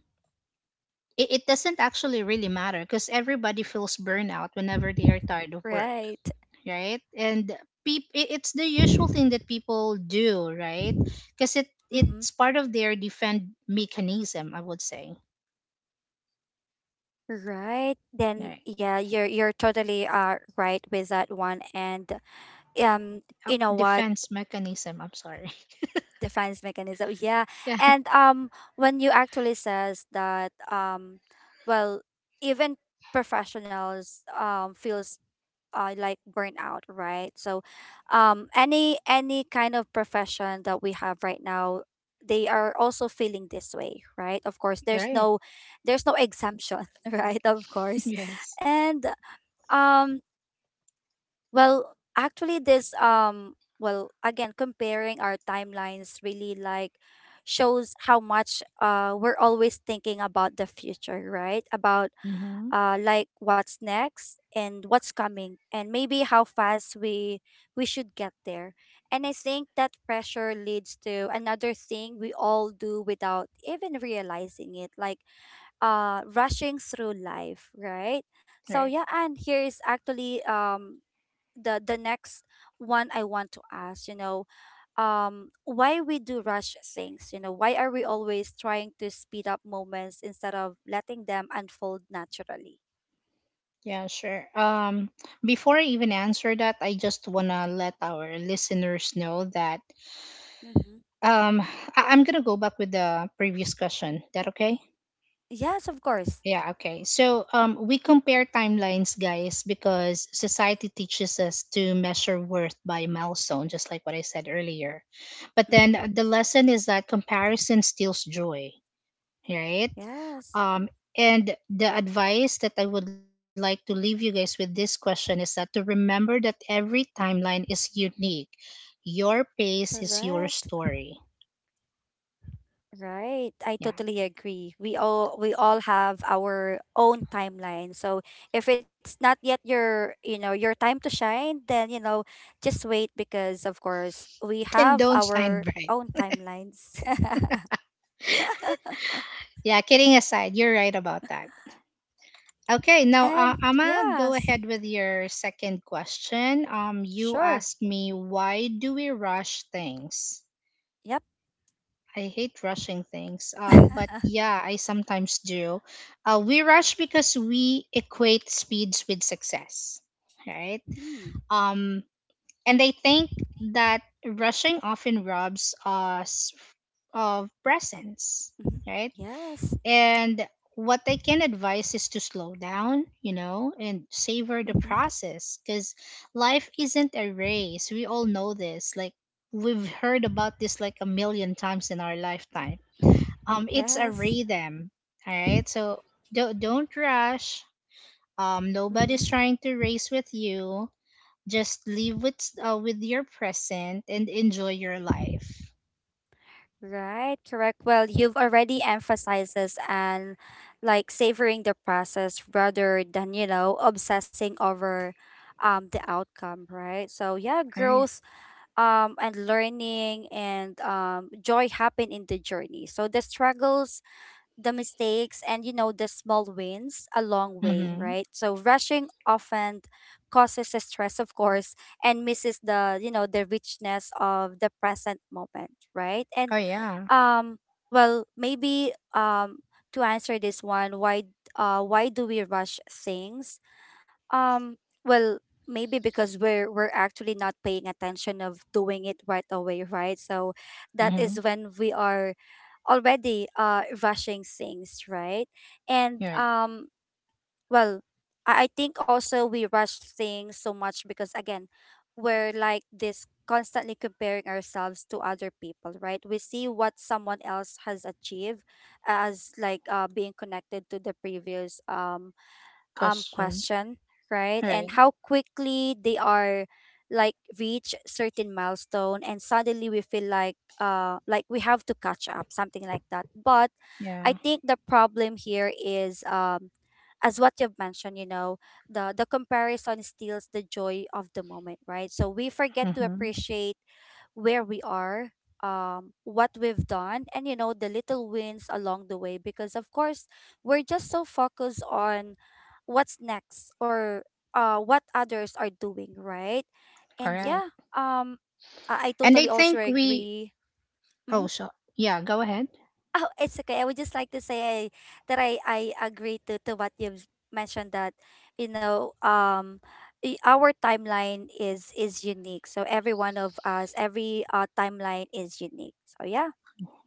Speaker 2: it doesn't actually really matter because everybody feels burnout whenever they are tired of work,
Speaker 1: Right.
Speaker 2: right? And it's the usual thing that people do, right? Because it
Speaker 1: Mm-hmm.
Speaker 2: it's part of their defend mechanism, I would say,
Speaker 1: Right. Then
Speaker 2: right?
Speaker 1: yeah, you're totally right with that one. And um,
Speaker 2: Oh,
Speaker 1: you know what?
Speaker 2: defense mechanism. I'm sorry.
Speaker 1: Defense mechanism. Yeah.
Speaker 2: Yeah.
Speaker 1: And when you actually says that well, even professionals feels like burnout, right? So any kind of profession that we have right now, they are also feeling this way, right? Of course there's
Speaker 2: Right.
Speaker 1: no, there's no exemption right, of course.
Speaker 2: Yes.
Speaker 1: And um, well, actually this well, again, comparing our timelines really like shows how much we're always thinking about the future, right? About
Speaker 2: Mm-hmm.
Speaker 1: like what's next and what's coming and maybe how fast we should get there. And I think that pressure leads to another thing we all do without even realizing it, like rushing through life, right? So
Speaker 2: Right.
Speaker 1: yeah, and here is actually the next one I want to ask, you know, why we do rush things, you know, why are we always trying to speed up moments instead of letting them unfold naturally?
Speaker 2: Yeah, sure. Before I even answer that, I just wanna let our listeners know that,
Speaker 1: Mm-hmm.
Speaker 2: um, I'm gonna go back with the previous question. That okay?
Speaker 1: Yes, of course.
Speaker 2: Yeah, okay. So, we compare timelines, guys, because society teaches us to measure worth by milestone, just like what I said earlier. But
Speaker 1: Mm-hmm.
Speaker 2: then, the lesson is that comparison steals joy, right?
Speaker 1: Yes,
Speaker 2: Um, and the advice that I would like to leave you guys with this question is that to remember that every timeline is unique. Your pace is your
Speaker 1: correct.
Speaker 2: story.
Speaker 1: Right. I
Speaker 2: Yeah.
Speaker 1: totally agree. We all have our own timeline. So if it's not yet your, you know, your time to shine, then, you know, just wait, because of course we
Speaker 2: And
Speaker 1: have
Speaker 2: don't shine
Speaker 1: our
Speaker 2: bright.
Speaker 1: own timelines.
Speaker 2: Yeah, kidding aside, you're right about that. Okay, now
Speaker 1: And
Speaker 2: I'm gonna go
Speaker 1: yes,
Speaker 2: ahead with your second question. You
Speaker 1: sure.
Speaker 2: asked me, why do we rush things?
Speaker 1: Yep.
Speaker 2: I hate rushing things.
Speaker 1: Hmm.
Speaker 2: But yeah, I sometimes do. We rush because we equate speeds with success, right? Um, and I think that rushing often robs us of presence,
Speaker 1: Mhm.
Speaker 2: right?
Speaker 1: Yes.
Speaker 2: And what I can advise is to slow down, and savor the
Speaker 1: Hmm.
Speaker 2: process because life isn't a race. We all know this. Like, we've heard about this like a million times in our lifetime. It's a
Speaker 1: Yes.
Speaker 2: rhythm. All right. So don't rush. Nobody's
Speaker 1: Hmm.
Speaker 2: trying to race with you. Just live with your present and enjoy your life.
Speaker 1: Right, correct. Well, you've already emphasized this and like savoring the process rather than, you know, obsessing over the outcome, right? So yeah,
Speaker 2: All right.
Speaker 1: growth and learning and joy happen in the journey. So the struggles, the mistakes, and, you know, the small wins a long way,
Speaker 2: Mm-hmm.
Speaker 1: right? So rushing often causes the stress, of course, and misses the, you know, the richness of the present moment, right? And
Speaker 2: Oh, yeah.
Speaker 1: um, well, maybe to answer this one, why do we rush things? Um, well, maybe because we're actually not paying attention of doing it right away, right? So that
Speaker 2: Mm-hmm.
Speaker 1: is when we are already rushing things, right? And
Speaker 2: Right.
Speaker 1: well, I think also we rush things so much because, again, we're like this constantly comparing ourselves to other people, right? We see what someone else has achieved as like being connected to the previous
Speaker 2: Question.
Speaker 1: question, right?
Speaker 2: Right.
Speaker 1: And how quickly they are like reach certain milestone and suddenly we feel like we have to catch up, something like that. But
Speaker 2: Yeah.
Speaker 1: I think the problem here is as what you've mentioned, you know, the comparison steals the joy of the moment, right? So we forget to
Speaker 2: Mm-hmm.
Speaker 1: appreciate where we are, what we've done, and, you know, the little wins along the way, because of course we're just so focused on what's next or what others are doing, right? And
Speaker 2: Correct.
Speaker 1: yeah, I
Speaker 2: And I
Speaker 1: totally also
Speaker 2: think we.
Speaker 1: agree.
Speaker 2: Oh,
Speaker 1: Hmm.
Speaker 2: so yeah. Go ahead.
Speaker 1: Oh, it's okay. I would just like to say that I agree to, what you've mentioned that, you know, our timeline is unique. So every one of us, every timeline is unique. So yeah.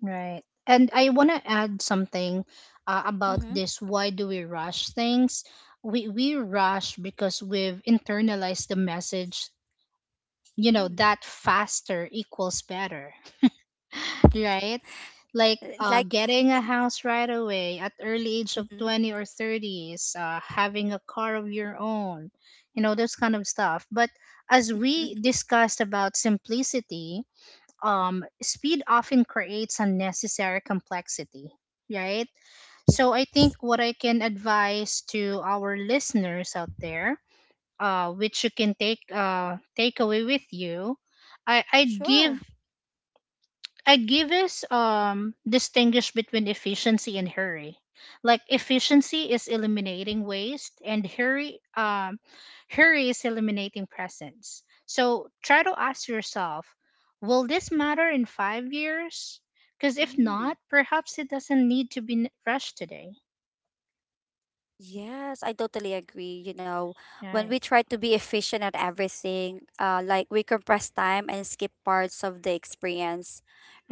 Speaker 2: Right. And I want to add something about
Speaker 1: Mm-hmm.
Speaker 2: this. Why do we rush things? We rush because we've internalized the message. You know that faster equals better, right? Like
Speaker 1: Like,
Speaker 2: getting a house right away at early age of
Speaker 1: mm-hmm.
Speaker 2: 20 or 30s, having a car of your own, those kind of stuff. But as we discussed about simplicity, speed often creates unnecessary complexity, right?
Speaker 1: Yeah,
Speaker 2: So I think what I can advise to our listeners out there, which you can take take away with you. I, I'd give
Speaker 1: sure.
Speaker 2: I give us distinguish between efficiency and hurry. Like efficiency is eliminating waste, and hurry is eliminating presence. So try to ask yourself, will this matter in 5 years? Cuz if
Speaker 1: Mm.
Speaker 2: not, perhaps it doesn't need to be rushed today.
Speaker 1: Yes, I totally agree. You know, when
Speaker 2: Right.
Speaker 1: we try to be efficient at everything, like we compress time and skip parts of the experience,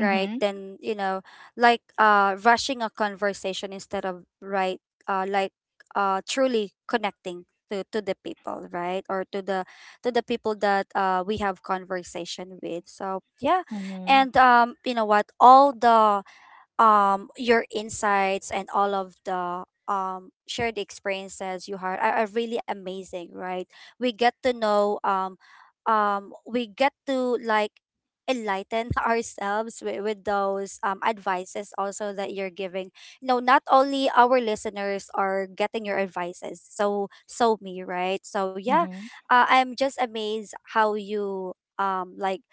Speaker 1: right? Then, you know, like rushing a conversation instead of right, uh, like truly connecting to the people, right? Or to the, to the people that we have conversation with. So yeah,
Speaker 2: Mhm.
Speaker 1: and you know what? All the your insights and all of the shared experiences you had are really amazing, right? We get to know we get to like enlighten ourselves with those advices also that you're giving, you know, not only our listeners are getting your advices, so so me, right? So yeah,
Speaker 2: Mhm.
Speaker 1: I'm just amazed how you like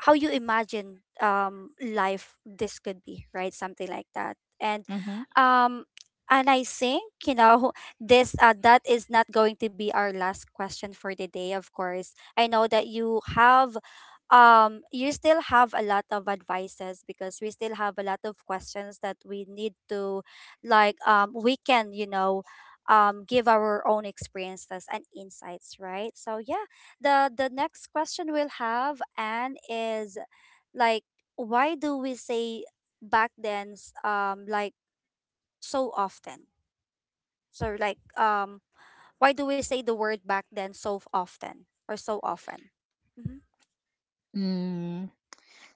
Speaker 1: how you imagine life this could be, right, something like that. And
Speaker 2: Mhm.
Speaker 1: um I think, you know, this that is not going to be our last question for the day, of course. I know that you have you still have a lot of advices, because we still have a lot of questions that we need to like we can, you know, give our own experiences and insights, right? So yeah, the next question we'll have and is like, why do we say back then like so often, so like why do we say the word back then so f- often or so often? Hmm.
Speaker 2: Mm.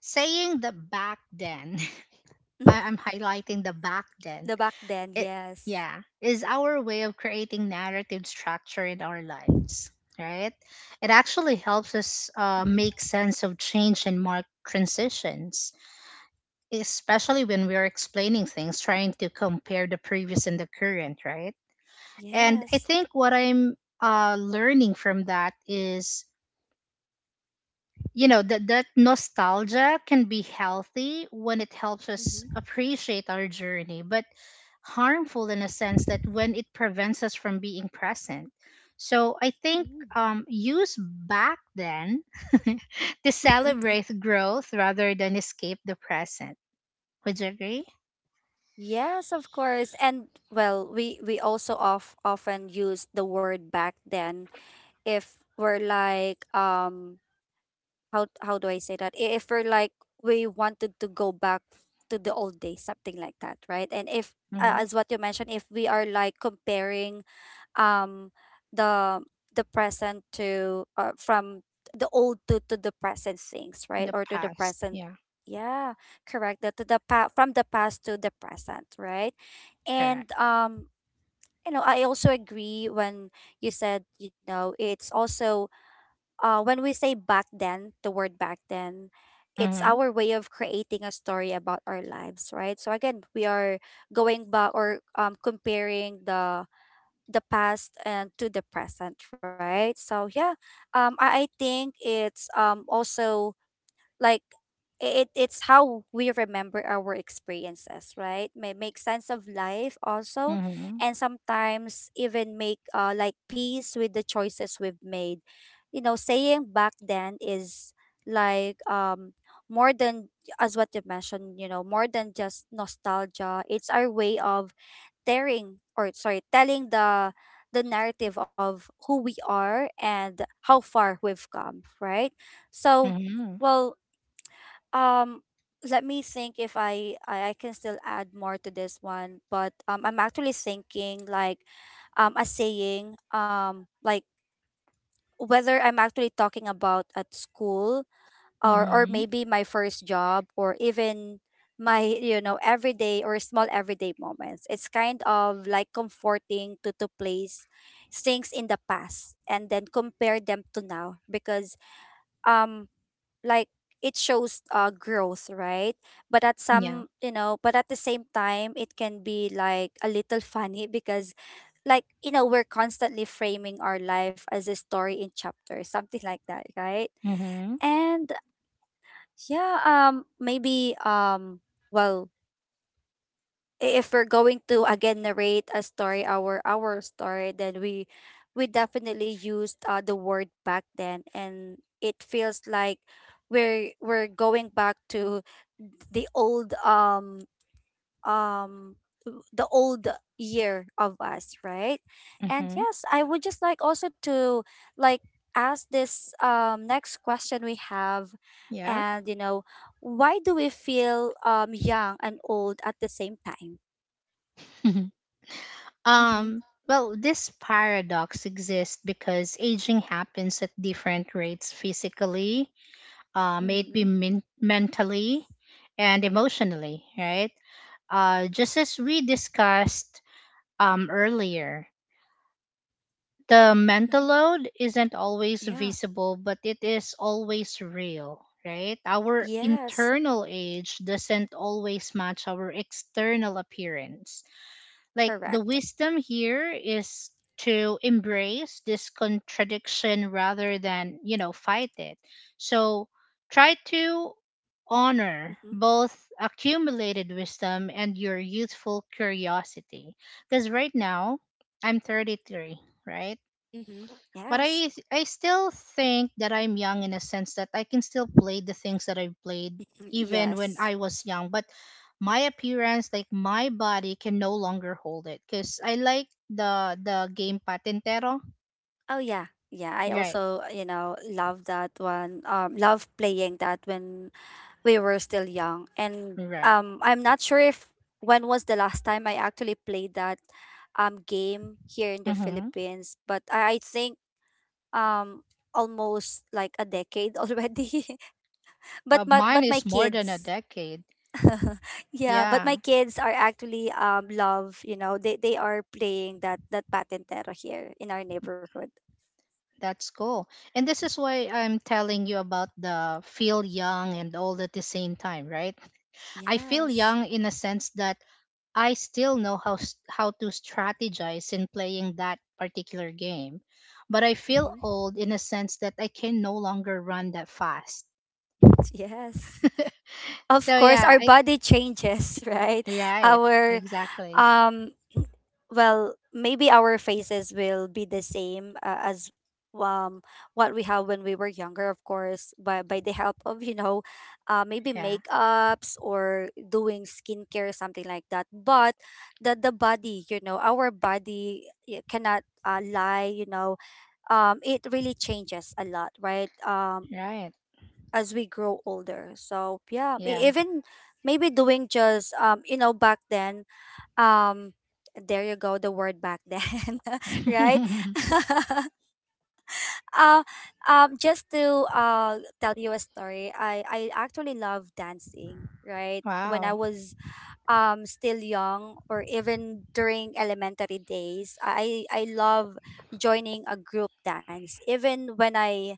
Speaker 2: Saying the back then. I- I'm highlighting the back then.
Speaker 1: The back then,
Speaker 2: It,
Speaker 1: yes.
Speaker 2: yeah, is our way of creating narrative structure in our lives, right. It actually helps us
Speaker 1: Hmm.
Speaker 2: make sense of change and mark transitions, especially when we're explaining things, trying to compare the previous and the current, right? And I
Speaker 1: Yes.
Speaker 2: think what I'm learning from that is, that that nostalgia can be healthy when it helps us
Speaker 1: Hmm.
Speaker 2: appreciate our journey, but harmful in a sense that when it prevents us from being present. So I think, use back then to celebrate growth rather than escape the present. Would you agree?
Speaker 1: Yes, of course. And well, we also of often use the word back then if we're like how do I say that? If we're like we wanted to go back to the old days, something like that, right? And if
Speaker 2: Mm.
Speaker 1: as what you mentioned, if we are like comparing um the the present to from the old to, the present things, right?
Speaker 2: The
Speaker 1: Or to the
Speaker 2: past.
Speaker 1: present,
Speaker 2: Yeah.
Speaker 1: yeah, correct. That to the from the past to the present, right? And
Speaker 2: Correct.
Speaker 1: you know, I also agree when you said, you know, it's also when we say back then, the word back then, it's
Speaker 2: Mm-hmm.
Speaker 1: our way of creating a story about our lives, right? So again, we are going back or, comparing the past and to the present, right? So yeah, I think it's also like it's how we remember our experiences, right? May make sense of life also,
Speaker 2: Mm-hmm.
Speaker 1: and sometimes even make like peace with the choices we've made. You know, saying back then is like more than, as what you mentioned, you know, more than just nostalgia. It's our way of tearing or sorry telling the narrative of who we are and how far we've come, right? So
Speaker 2: Mm-hmm.
Speaker 1: well, um let me think if I can still add more to this one, but I'm actually thinking like a saying like whether I'm actually talking about at school or
Speaker 2: Mm-hmm.
Speaker 1: maybe my first job or even my, you know, everyday or small everyday moments. It's kind of like comforting to place things in the past and then compare them to now, because um like it shows growth, right? But at
Speaker 2: Yeah.
Speaker 1: some, you know, but at the same time, it can be like a little funny because like, you know, we're constantly framing our life as a story in chapters, something like that, right?
Speaker 2: Mm-hmm.
Speaker 1: And yeah, maybe well, if we're going to again narrate a story, our story, then we definitely used the word back then, and it feels like we're going back to the old um the old year of us, right? And
Speaker 2: Mm-hmm.
Speaker 1: yes, I would just like also to like ask this next question we have.
Speaker 2: Yeah.
Speaker 1: And you know, why do we feel young and old at the same time? Mm-hmm.
Speaker 2: Um, well, this paradox exists because aging happens at different rates physically,
Speaker 1: Mm-hmm.
Speaker 2: mentally and emotionally, right? Just as we discussed earlier, the
Speaker 1: Hmm.
Speaker 2: mental load isn't always
Speaker 1: Yeah.
Speaker 2: visible, but it is always real, right? Our
Speaker 1: Yes.
Speaker 2: internal age doesn't always match our external appearance. Like, the
Speaker 1: Correct.
Speaker 2: wisdom here is to embrace this contradiction rather than, fight it. So try to honor
Speaker 1: Mm-hmm.
Speaker 2: both accumulated wisdom and your youthful curiosity. Because right now, I'm 33, right?
Speaker 1: Mm-hmm.
Speaker 2: But
Speaker 1: Yes.
Speaker 2: I still think that I'm young in a sense that I can still play the things that I played
Speaker 1: Mm,
Speaker 2: even when
Speaker 1: yes.
Speaker 2: I was young. But my appearance, like my body, can no longer hold it because I like the game Patentero.
Speaker 1: Oh yeah. Yeah. I
Speaker 2: Right,
Speaker 1: also, you know, love that one. Love playing that when we were still young. And
Speaker 2: right.
Speaker 1: I'm not sure if when was the last time I actually played that game here in the
Speaker 2: Mm-hmm.
Speaker 1: Philippines, but I think um almost like a decade already. But my,
Speaker 2: Mine
Speaker 1: but my
Speaker 2: is more than a
Speaker 1: kids.
Speaker 2: decade.
Speaker 1: Yeah, but
Speaker 2: Yeah,
Speaker 1: my kids are actually love, you know, they are playing that, that patentero here in our neighborhood.
Speaker 2: that's cool. And this is why I'm telling you about the feel young and old at the same time, right? I feel
Speaker 1: Yes.
Speaker 2: young in a sense that I still know how to strategize in playing that particular game, but I feel
Speaker 1: Hmm.
Speaker 2: old in a sense that I can no longer run that fast.
Speaker 1: Yes. Of
Speaker 2: So
Speaker 1: course,
Speaker 2: yeah,
Speaker 1: our
Speaker 2: I
Speaker 1: body changes, right?
Speaker 2: right,
Speaker 1: Our
Speaker 2: exactly.
Speaker 1: um well, maybe our faces will be the same as um what we have when we were younger, of course, by the help of, you know, maybe
Speaker 2: Yeah,
Speaker 1: makeups or doing skincare, something like that. But the body, you know, our body cannot lie, you know, it really changes a lot, right?
Speaker 2: right.
Speaker 1: As we grow older. So yeah,
Speaker 2: Yeah.
Speaker 1: even maybe doing just you know, back then um there you go, the word back then right. uh, just to tell you a story, I actually love dancing, right? When I
Speaker 2: Wow.
Speaker 1: was still young, or even during elementary days, I love joining a group dance, even when I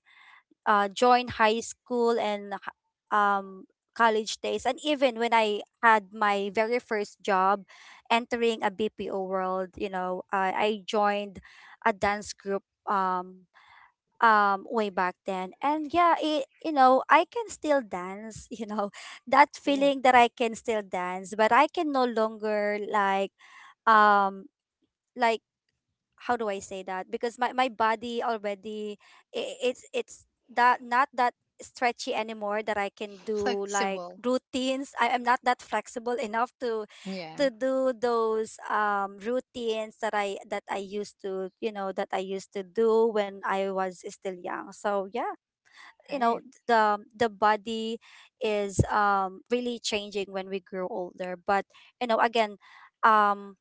Speaker 1: join high school and um, college days, and even when I had my very first job, entering a BPO world, you know, I joined a dance group, um, way back then, and yeah, it, you know, I can still dance, you know, that
Speaker 2: Cool.
Speaker 1: feeling that I can still dance, but I can no longer like um like how do I say that? Because my body already it's that, not that stretchy anymore, that I can do like
Speaker 2: Flexible.
Speaker 1: routines. I am not that flexible enough to
Speaker 2: Yeah.
Speaker 1: do those routines that I used to, you know, that I used to do when I was still young. So yeah, you know,
Speaker 2: Right.
Speaker 1: the body is really changing when we grow older. But again, um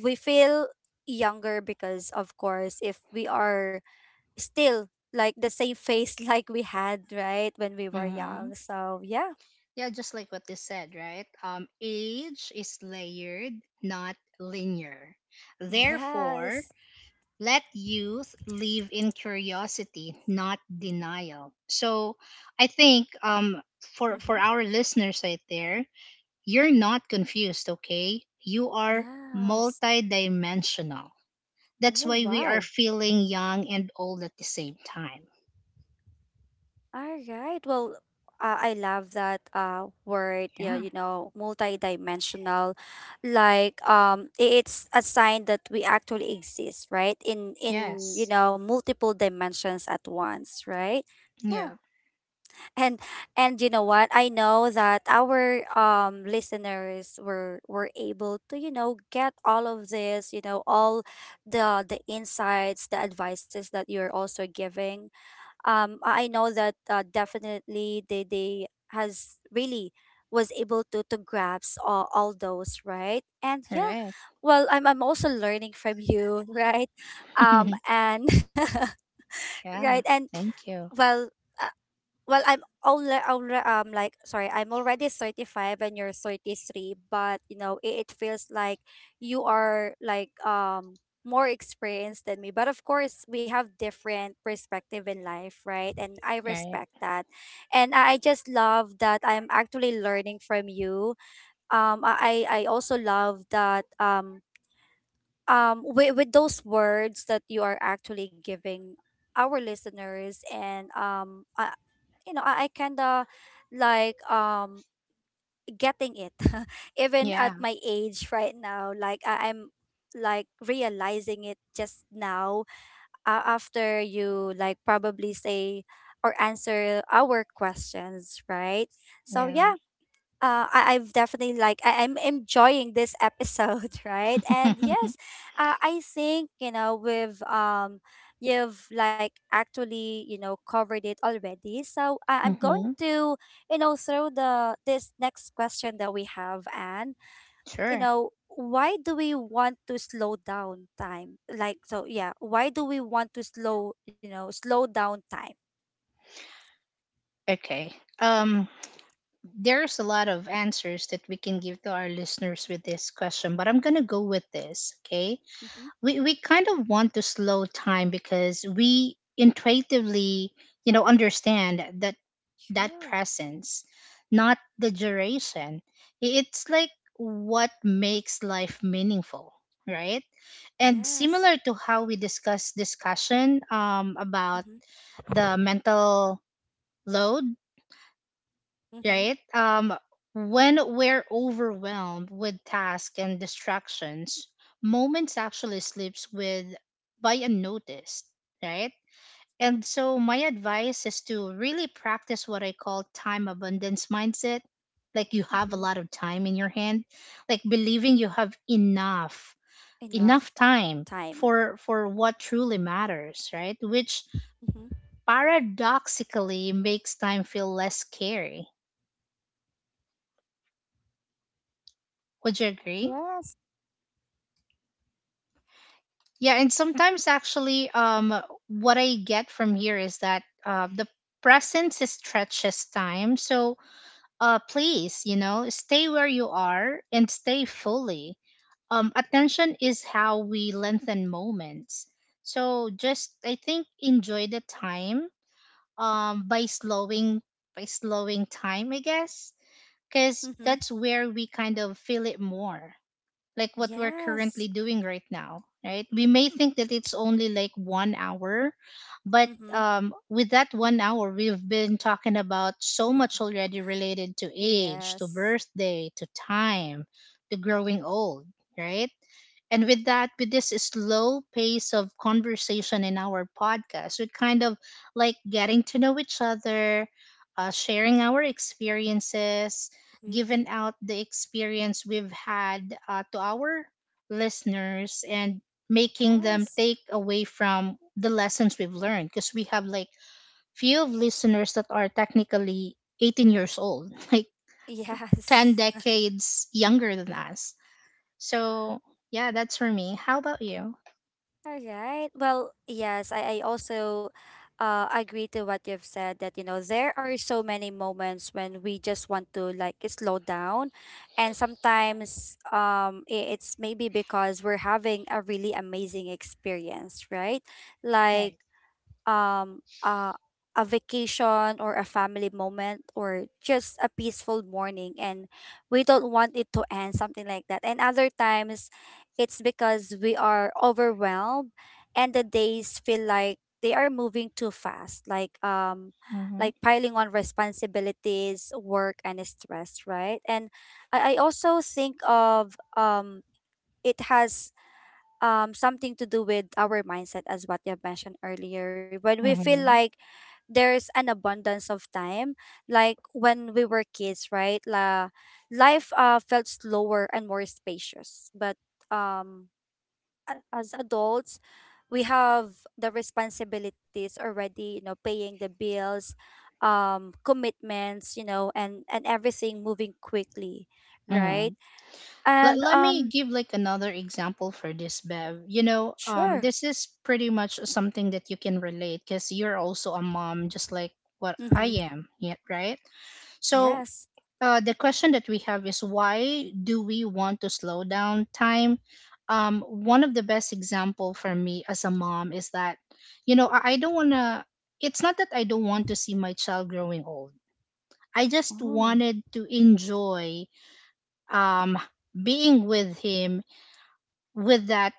Speaker 1: we feel younger because of course if we are still like the same face like we had right when we were
Speaker 2: Mm-hmm.
Speaker 1: young. So yeah.
Speaker 2: Yeah, just like what they said, right? Age is layered, not linear. Therefore,
Speaker 1: Yes.
Speaker 2: let youth live in curiosity, not denial. So I think for
Speaker 1: Mm-hmm.
Speaker 2: our listeners right there, you're not confused, okay? You are
Speaker 1: Yes.
Speaker 2: multidimensional. That's
Speaker 1: Oh
Speaker 2: why we are
Speaker 1: wow.
Speaker 2: feeling young and old at the same time.
Speaker 1: All right, well, I love that word, yeah,
Speaker 2: Yeah.
Speaker 1: multidimensional. Like it's a sign that we actually exist, right, in
Speaker 2: Yes.
Speaker 1: multiple dimensions at once, right? Yeah.
Speaker 2: Yeah.
Speaker 1: and and you know what, I know that our listeners were able to get all of this, all the insights, the advices that you're also giving. I know that, definitely, they has really was able to grasp all those, right? And yeah.
Speaker 2: Right.
Speaker 1: Well, I'm also learning from you right? um and right.
Speaker 2: Yeah.
Speaker 1: And
Speaker 2: Thank you.
Speaker 1: well, uh, well, I'm already, like, sorry, I'm already 35 and you're 33, but you know, it feels like you are, like, more experienced than me. But of course, we have different perspective in life, right? And I
Speaker 2: Right.
Speaker 1: respect that. And I just love that I'm actually learning from you. I also love that, with those words that you are actually giving our listeners. And I, you know I kind of, like, getting it even
Speaker 2: Yeah.
Speaker 1: at my age right now. Like, I'm like realizing it just now, after you like probably say or answer our questions, right? So
Speaker 2: Yeah.
Speaker 1: yeah. I've definitely, like, I'm enjoying this episode, right? And yes, I think, we've you've, like, actually, covered it already. So I'm going
Speaker 2: Hmm.
Speaker 1: to, throw the this next question that we have. And,
Speaker 2: Sure.
Speaker 1: why do we want to slow down time? Like so, yeah, why do we want to slow you know slow down time?
Speaker 2: Okay. Um there's a lot of answers that we can give to our listeners with this question, but I'm going to go with this, okay?
Speaker 1: Mm-hmm.
Speaker 2: We kind of want to slow time because we intuitively, you know, understand that that
Speaker 1: Sure.
Speaker 2: presence, not the duration. It's like what makes life meaningful, right? And
Speaker 1: Yes.
Speaker 2: similar to how we discussion about
Speaker 1: Mm-hmm.
Speaker 2: the mental load,
Speaker 1: Mm-hmm.
Speaker 2: right? When we're overwhelmed with tasks and distractions, moments actually slips with by unnoticed, right? And so my advice is to really practice what I call time abundance mindset. Like you have a
Speaker 1: Mm-hmm.
Speaker 2: lot of time in your hand, like believing you have enough,
Speaker 1: Enough
Speaker 2: enough time
Speaker 1: time.
Speaker 2: for what truly matters, right? Which
Speaker 1: Mm-hmm.
Speaker 2: paradoxically makes time feel less scary. Would you agree?
Speaker 1: Yes.
Speaker 2: Yeah, and sometimes actually, what I get from here is that the presence stretches time. So, please, you know, stay where you are and stay fully. Attention is how we lengthen moments. So, just I think enjoy the time um, by slowing by slowing time, I guess, because
Speaker 1: Mm-hmm.
Speaker 2: that's where we kind of feel it more like what we're currently
Speaker 1: Yes.
Speaker 2: doing right now, right? We may think that it's only like 1 hour, but
Speaker 1: Mm-hmm.
Speaker 2: with that 1 hour, we've been talking about so much already related to age, to
Speaker 1: Yes.
Speaker 2: birthday, to time, to growing old, right? And with that, with this slow pace of conversation in our podcast, we kind of like getting to know each other, sharing our experiences,
Speaker 1: Mm-hmm.
Speaker 2: giving out the experience we've had to our listeners, and making them
Speaker 1: Yes.
Speaker 2: take away from the lessons we've learned. Because we have like few of listeners that are technically 18 years old, like
Speaker 1: Yes.
Speaker 2: 10 decades younger than us. So, yeah, that's for me. How about you?
Speaker 1: All right, well, yes, I also, agree to what you've said. That, there are so many moments when we just want to, like, slow down. And sometimes, it's maybe because we're having a really amazing experience, right?
Speaker 2: Right.
Speaker 1: Like, um uh, a vacation, or a family moment, or just a peaceful morning, and we don't want it to end, something like that. And other times, it's because we are overwhelmed and the days feel like they are moving too fast, like,
Speaker 2: Mm-hmm.
Speaker 1: like piling on responsibilities, work, and stress, right? And I also think of, it has something to do with our mindset, as what you have mentioned earlier. When we feel
Speaker 2: Mm-hmm.
Speaker 1: like there's an abundance of time, like when we were kids, right? la Life felt slower and more spacious. But um as adults, we have the responsibilities already, paying the bills, commitments, and everything moving quickly,
Speaker 2: Mm-hmm.
Speaker 1: right?
Speaker 2: Let,
Speaker 1: And
Speaker 2: let me give like another example for this, Bev. You know,
Speaker 1: sure.
Speaker 2: this is pretty much something that you can relate because you're also a mom, just like what
Speaker 1: Mm-hmm.
Speaker 2: I am, yeah, right? So,
Speaker 1: Yes.
Speaker 2: the question that we have is why do we want to slow down time? One of the best example for me as a mom is that, you know, I don't wanna. It's not that I don't
Speaker 1: Mm-hmm.
Speaker 2: want to see my child growing old. I just
Speaker 1: Oh,
Speaker 2: wanted to enjoy um, being with him with that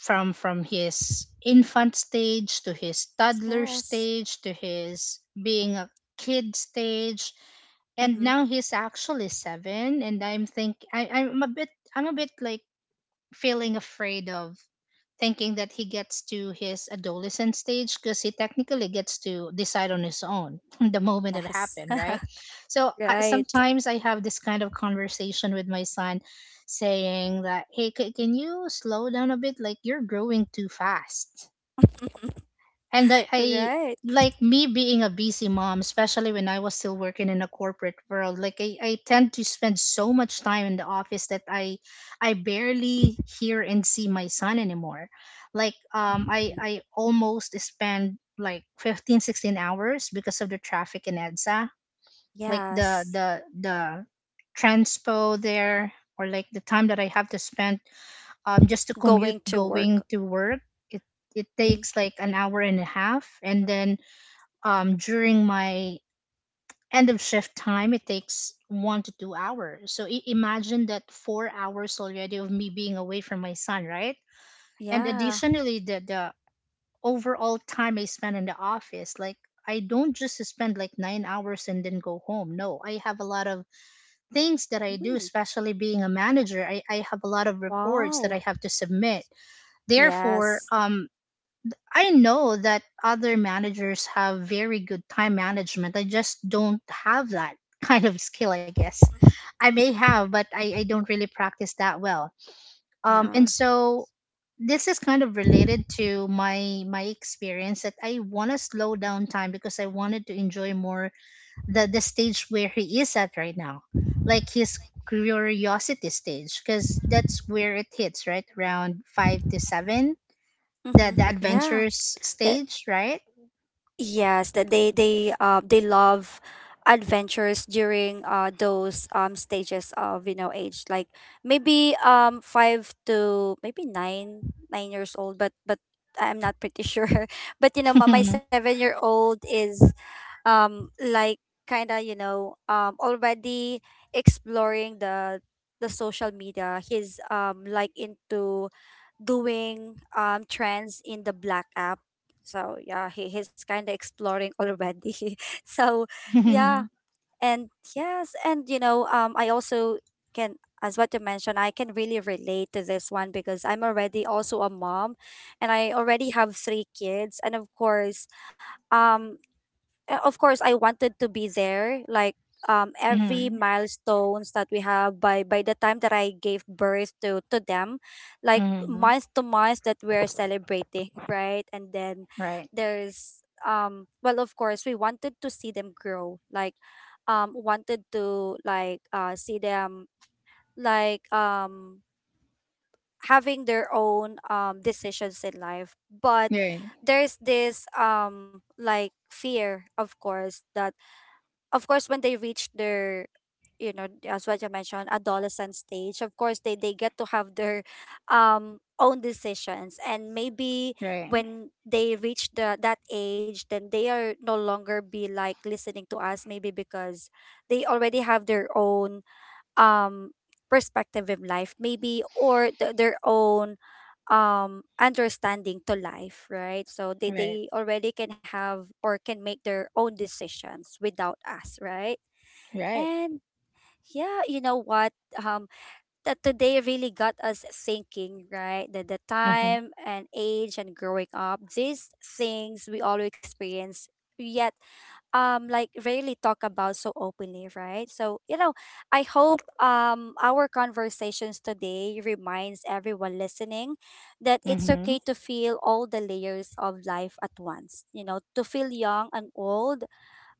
Speaker 2: from his infant stage to his toddler
Speaker 1: yes.
Speaker 2: stage to his being a kid stage and
Speaker 1: Mm-hmm.
Speaker 2: now he's actually seven and I'm a bit like feeling afraid of thinking that he gets to his adolescent stage because he technically gets to decide on his own the moment it
Speaker 1: Yes.
Speaker 2: happened, right? So
Speaker 1: Right.
Speaker 2: sometimes I have this kind of conversation with my son saying that, hey, can you slow down a bit? Like, you're growing too fast and I
Speaker 1: Right.
Speaker 2: like me being a busy mom, especially when I was still working in a corporate world. Like I tend to spend so much time in the office that I barely hear and see my son anymore. Like um I
Speaker 1: Mm.
Speaker 2: I almost spend like 15, 16 hours because of the traffic in EDSA. Like the
Speaker 1: Yes.
Speaker 2: the the transpo there or like the time that I have to spend just to commute
Speaker 1: Going to
Speaker 2: going
Speaker 1: work.
Speaker 2: to work it, it
Speaker 1: Mm-hmm.
Speaker 2: takes like an hour and a half and then during my end of shift time it takes 1 to 2 hours so imagine that 4 hours already of me being away from my son, right? And
Speaker 1: Yeah.
Speaker 2: additionally the overall time I spend in the office like I don't just spend like 9 hours and then go home, no, I have a lot of things that I do,
Speaker 1: Mm.
Speaker 2: especially being a manager. I have a lot of reports that
Speaker 1: Wow.
Speaker 2: I have to submit. Therefore,
Speaker 1: Yes.
Speaker 2: I know that other managers have very good time management. I just don't have that kind of skill, I guess. I may have, but I don't really practice that well. And
Speaker 1: Yeah.
Speaker 2: so this is kind of related to my experience that I want to slow down time because I wanted to enjoy more the stage where he is at right now, like his curiosity stage, because that's where it hits right around five to seven, the
Speaker 1: Mm-hmm.
Speaker 2: the
Speaker 1: Yeah.
Speaker 2: adventures
Speaker 1: That
Speaker 2: stage, right?
Speaker 1: Yes, that they love adventures during, those, stages of, age. Like, maybe, five to maybe nine years old, but I'm not pretty sure but, my 7-year old is, like, kind of, already exploring the social media. He's, like, into doing, trends in the black app. So yeah, he's kind of exploring already so yeah.
Speaker 2: Mhm.
Speaker 1: And yes, and, I also can, as what you mentioned, I can really relate to this one, because I'm already also a mom. And I already have three kids. And of course, um of course, I wanted to be there, like, every
Speaker 2: Mhm.
Speaker 1: milestones that we have, by the time that I gave birth to them, like
Speaker 2: Mhm.
Speaker 1: month to month that we're celebrating right? And then
Speaker 2: Right.
Speaker 1: there's, well, of course, we wanted to see them grow, like, wanted to, like, see them, like, having their own, decisions in life. But
Speaker 2: Right.
Speaker 1: there's this, like, fear, of course, that of course, when they reach their, as what you mentioned, adolescent stage, of course they get to have their, own decisions. And maybe
Speaker 2: Right.
Speaker 1: when they reach the that age, then they are no longer be, like, listening to us, maybe, because they already have their own, um perspective in life, maybe. Or their own, understanding to life, right? So they,
Speaker 2: Right.
Speaker 1: they already can have, or can make, their own decisions without us, right?
Speaker 2: Right.
Speaker 1: And yeah, you know what, um that today really got us thinking, right? That the
Speaker 2: Mhm.
Speaker 1: time, and age, and growing up, these things we all experience, yet, like, rarely talk about so openly, right? So, I hope, our conversations today reminds everyone listening that it's
Speaker 2: Mhm.
Speaker 1: okay to feel all the layers of life at once. To feel young and old,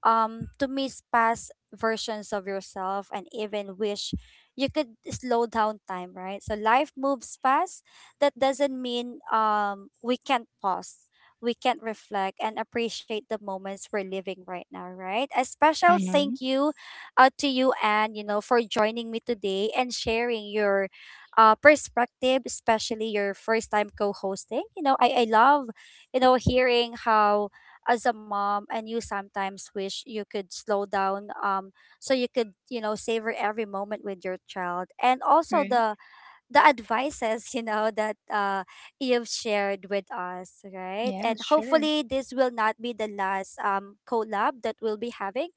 Speaker 1: to miss past versions of yourself, and even wish you could slow down time, right? So life moves fast, that doesn't mean, we can't pause. We can reflect and appreciate the moments we're living right now, right? A special thank
Speaker 2: Mhm.
Speaker 1: you, to you, and, for joining me today and sharing your, perspective, especially your first time co-hosting. I love, hearing how, as a mom, and you sometimes wish you could slow down, so you could, savor every moment with your child. And also
Speaker 2: Right.
Speaker 1: the advices, that, you've shared with us, right?
Speaker 2: Yeah,
Speaker 1: And
Speaker 2: sure.
Speaker 1: hopefully, this will not be the last, collab that we'll be having.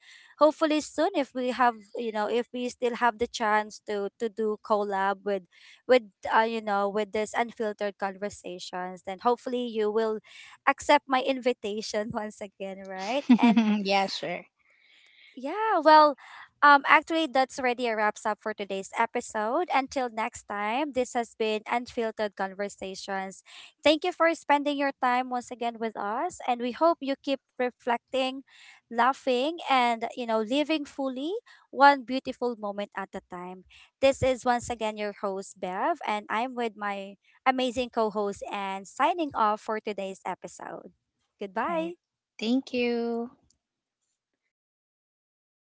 Speaker 1: Hopefully, soon, if we have, you know, if we still have the chance to do collab with, with, with this unfiltered conversations, then hopefully you will accept my invitation once again, right? And
Speaker 2: Yeah, sure.
Speaker 1: yeah, well, actually, that's already a wraps up for today's episode. Until next time, this has been Unfiltered Conversations. Thank you for spending your time once again with us, and we hope you keep reflecting, laughing, and, living fully, one beautiful moment at a time. This is once again your host Bev, and I'm with my amazing co-host, and signing off for today's episode.
Speaker 2: Right.
Speaker 1: Goodbye.
Speaker 2: Thank you.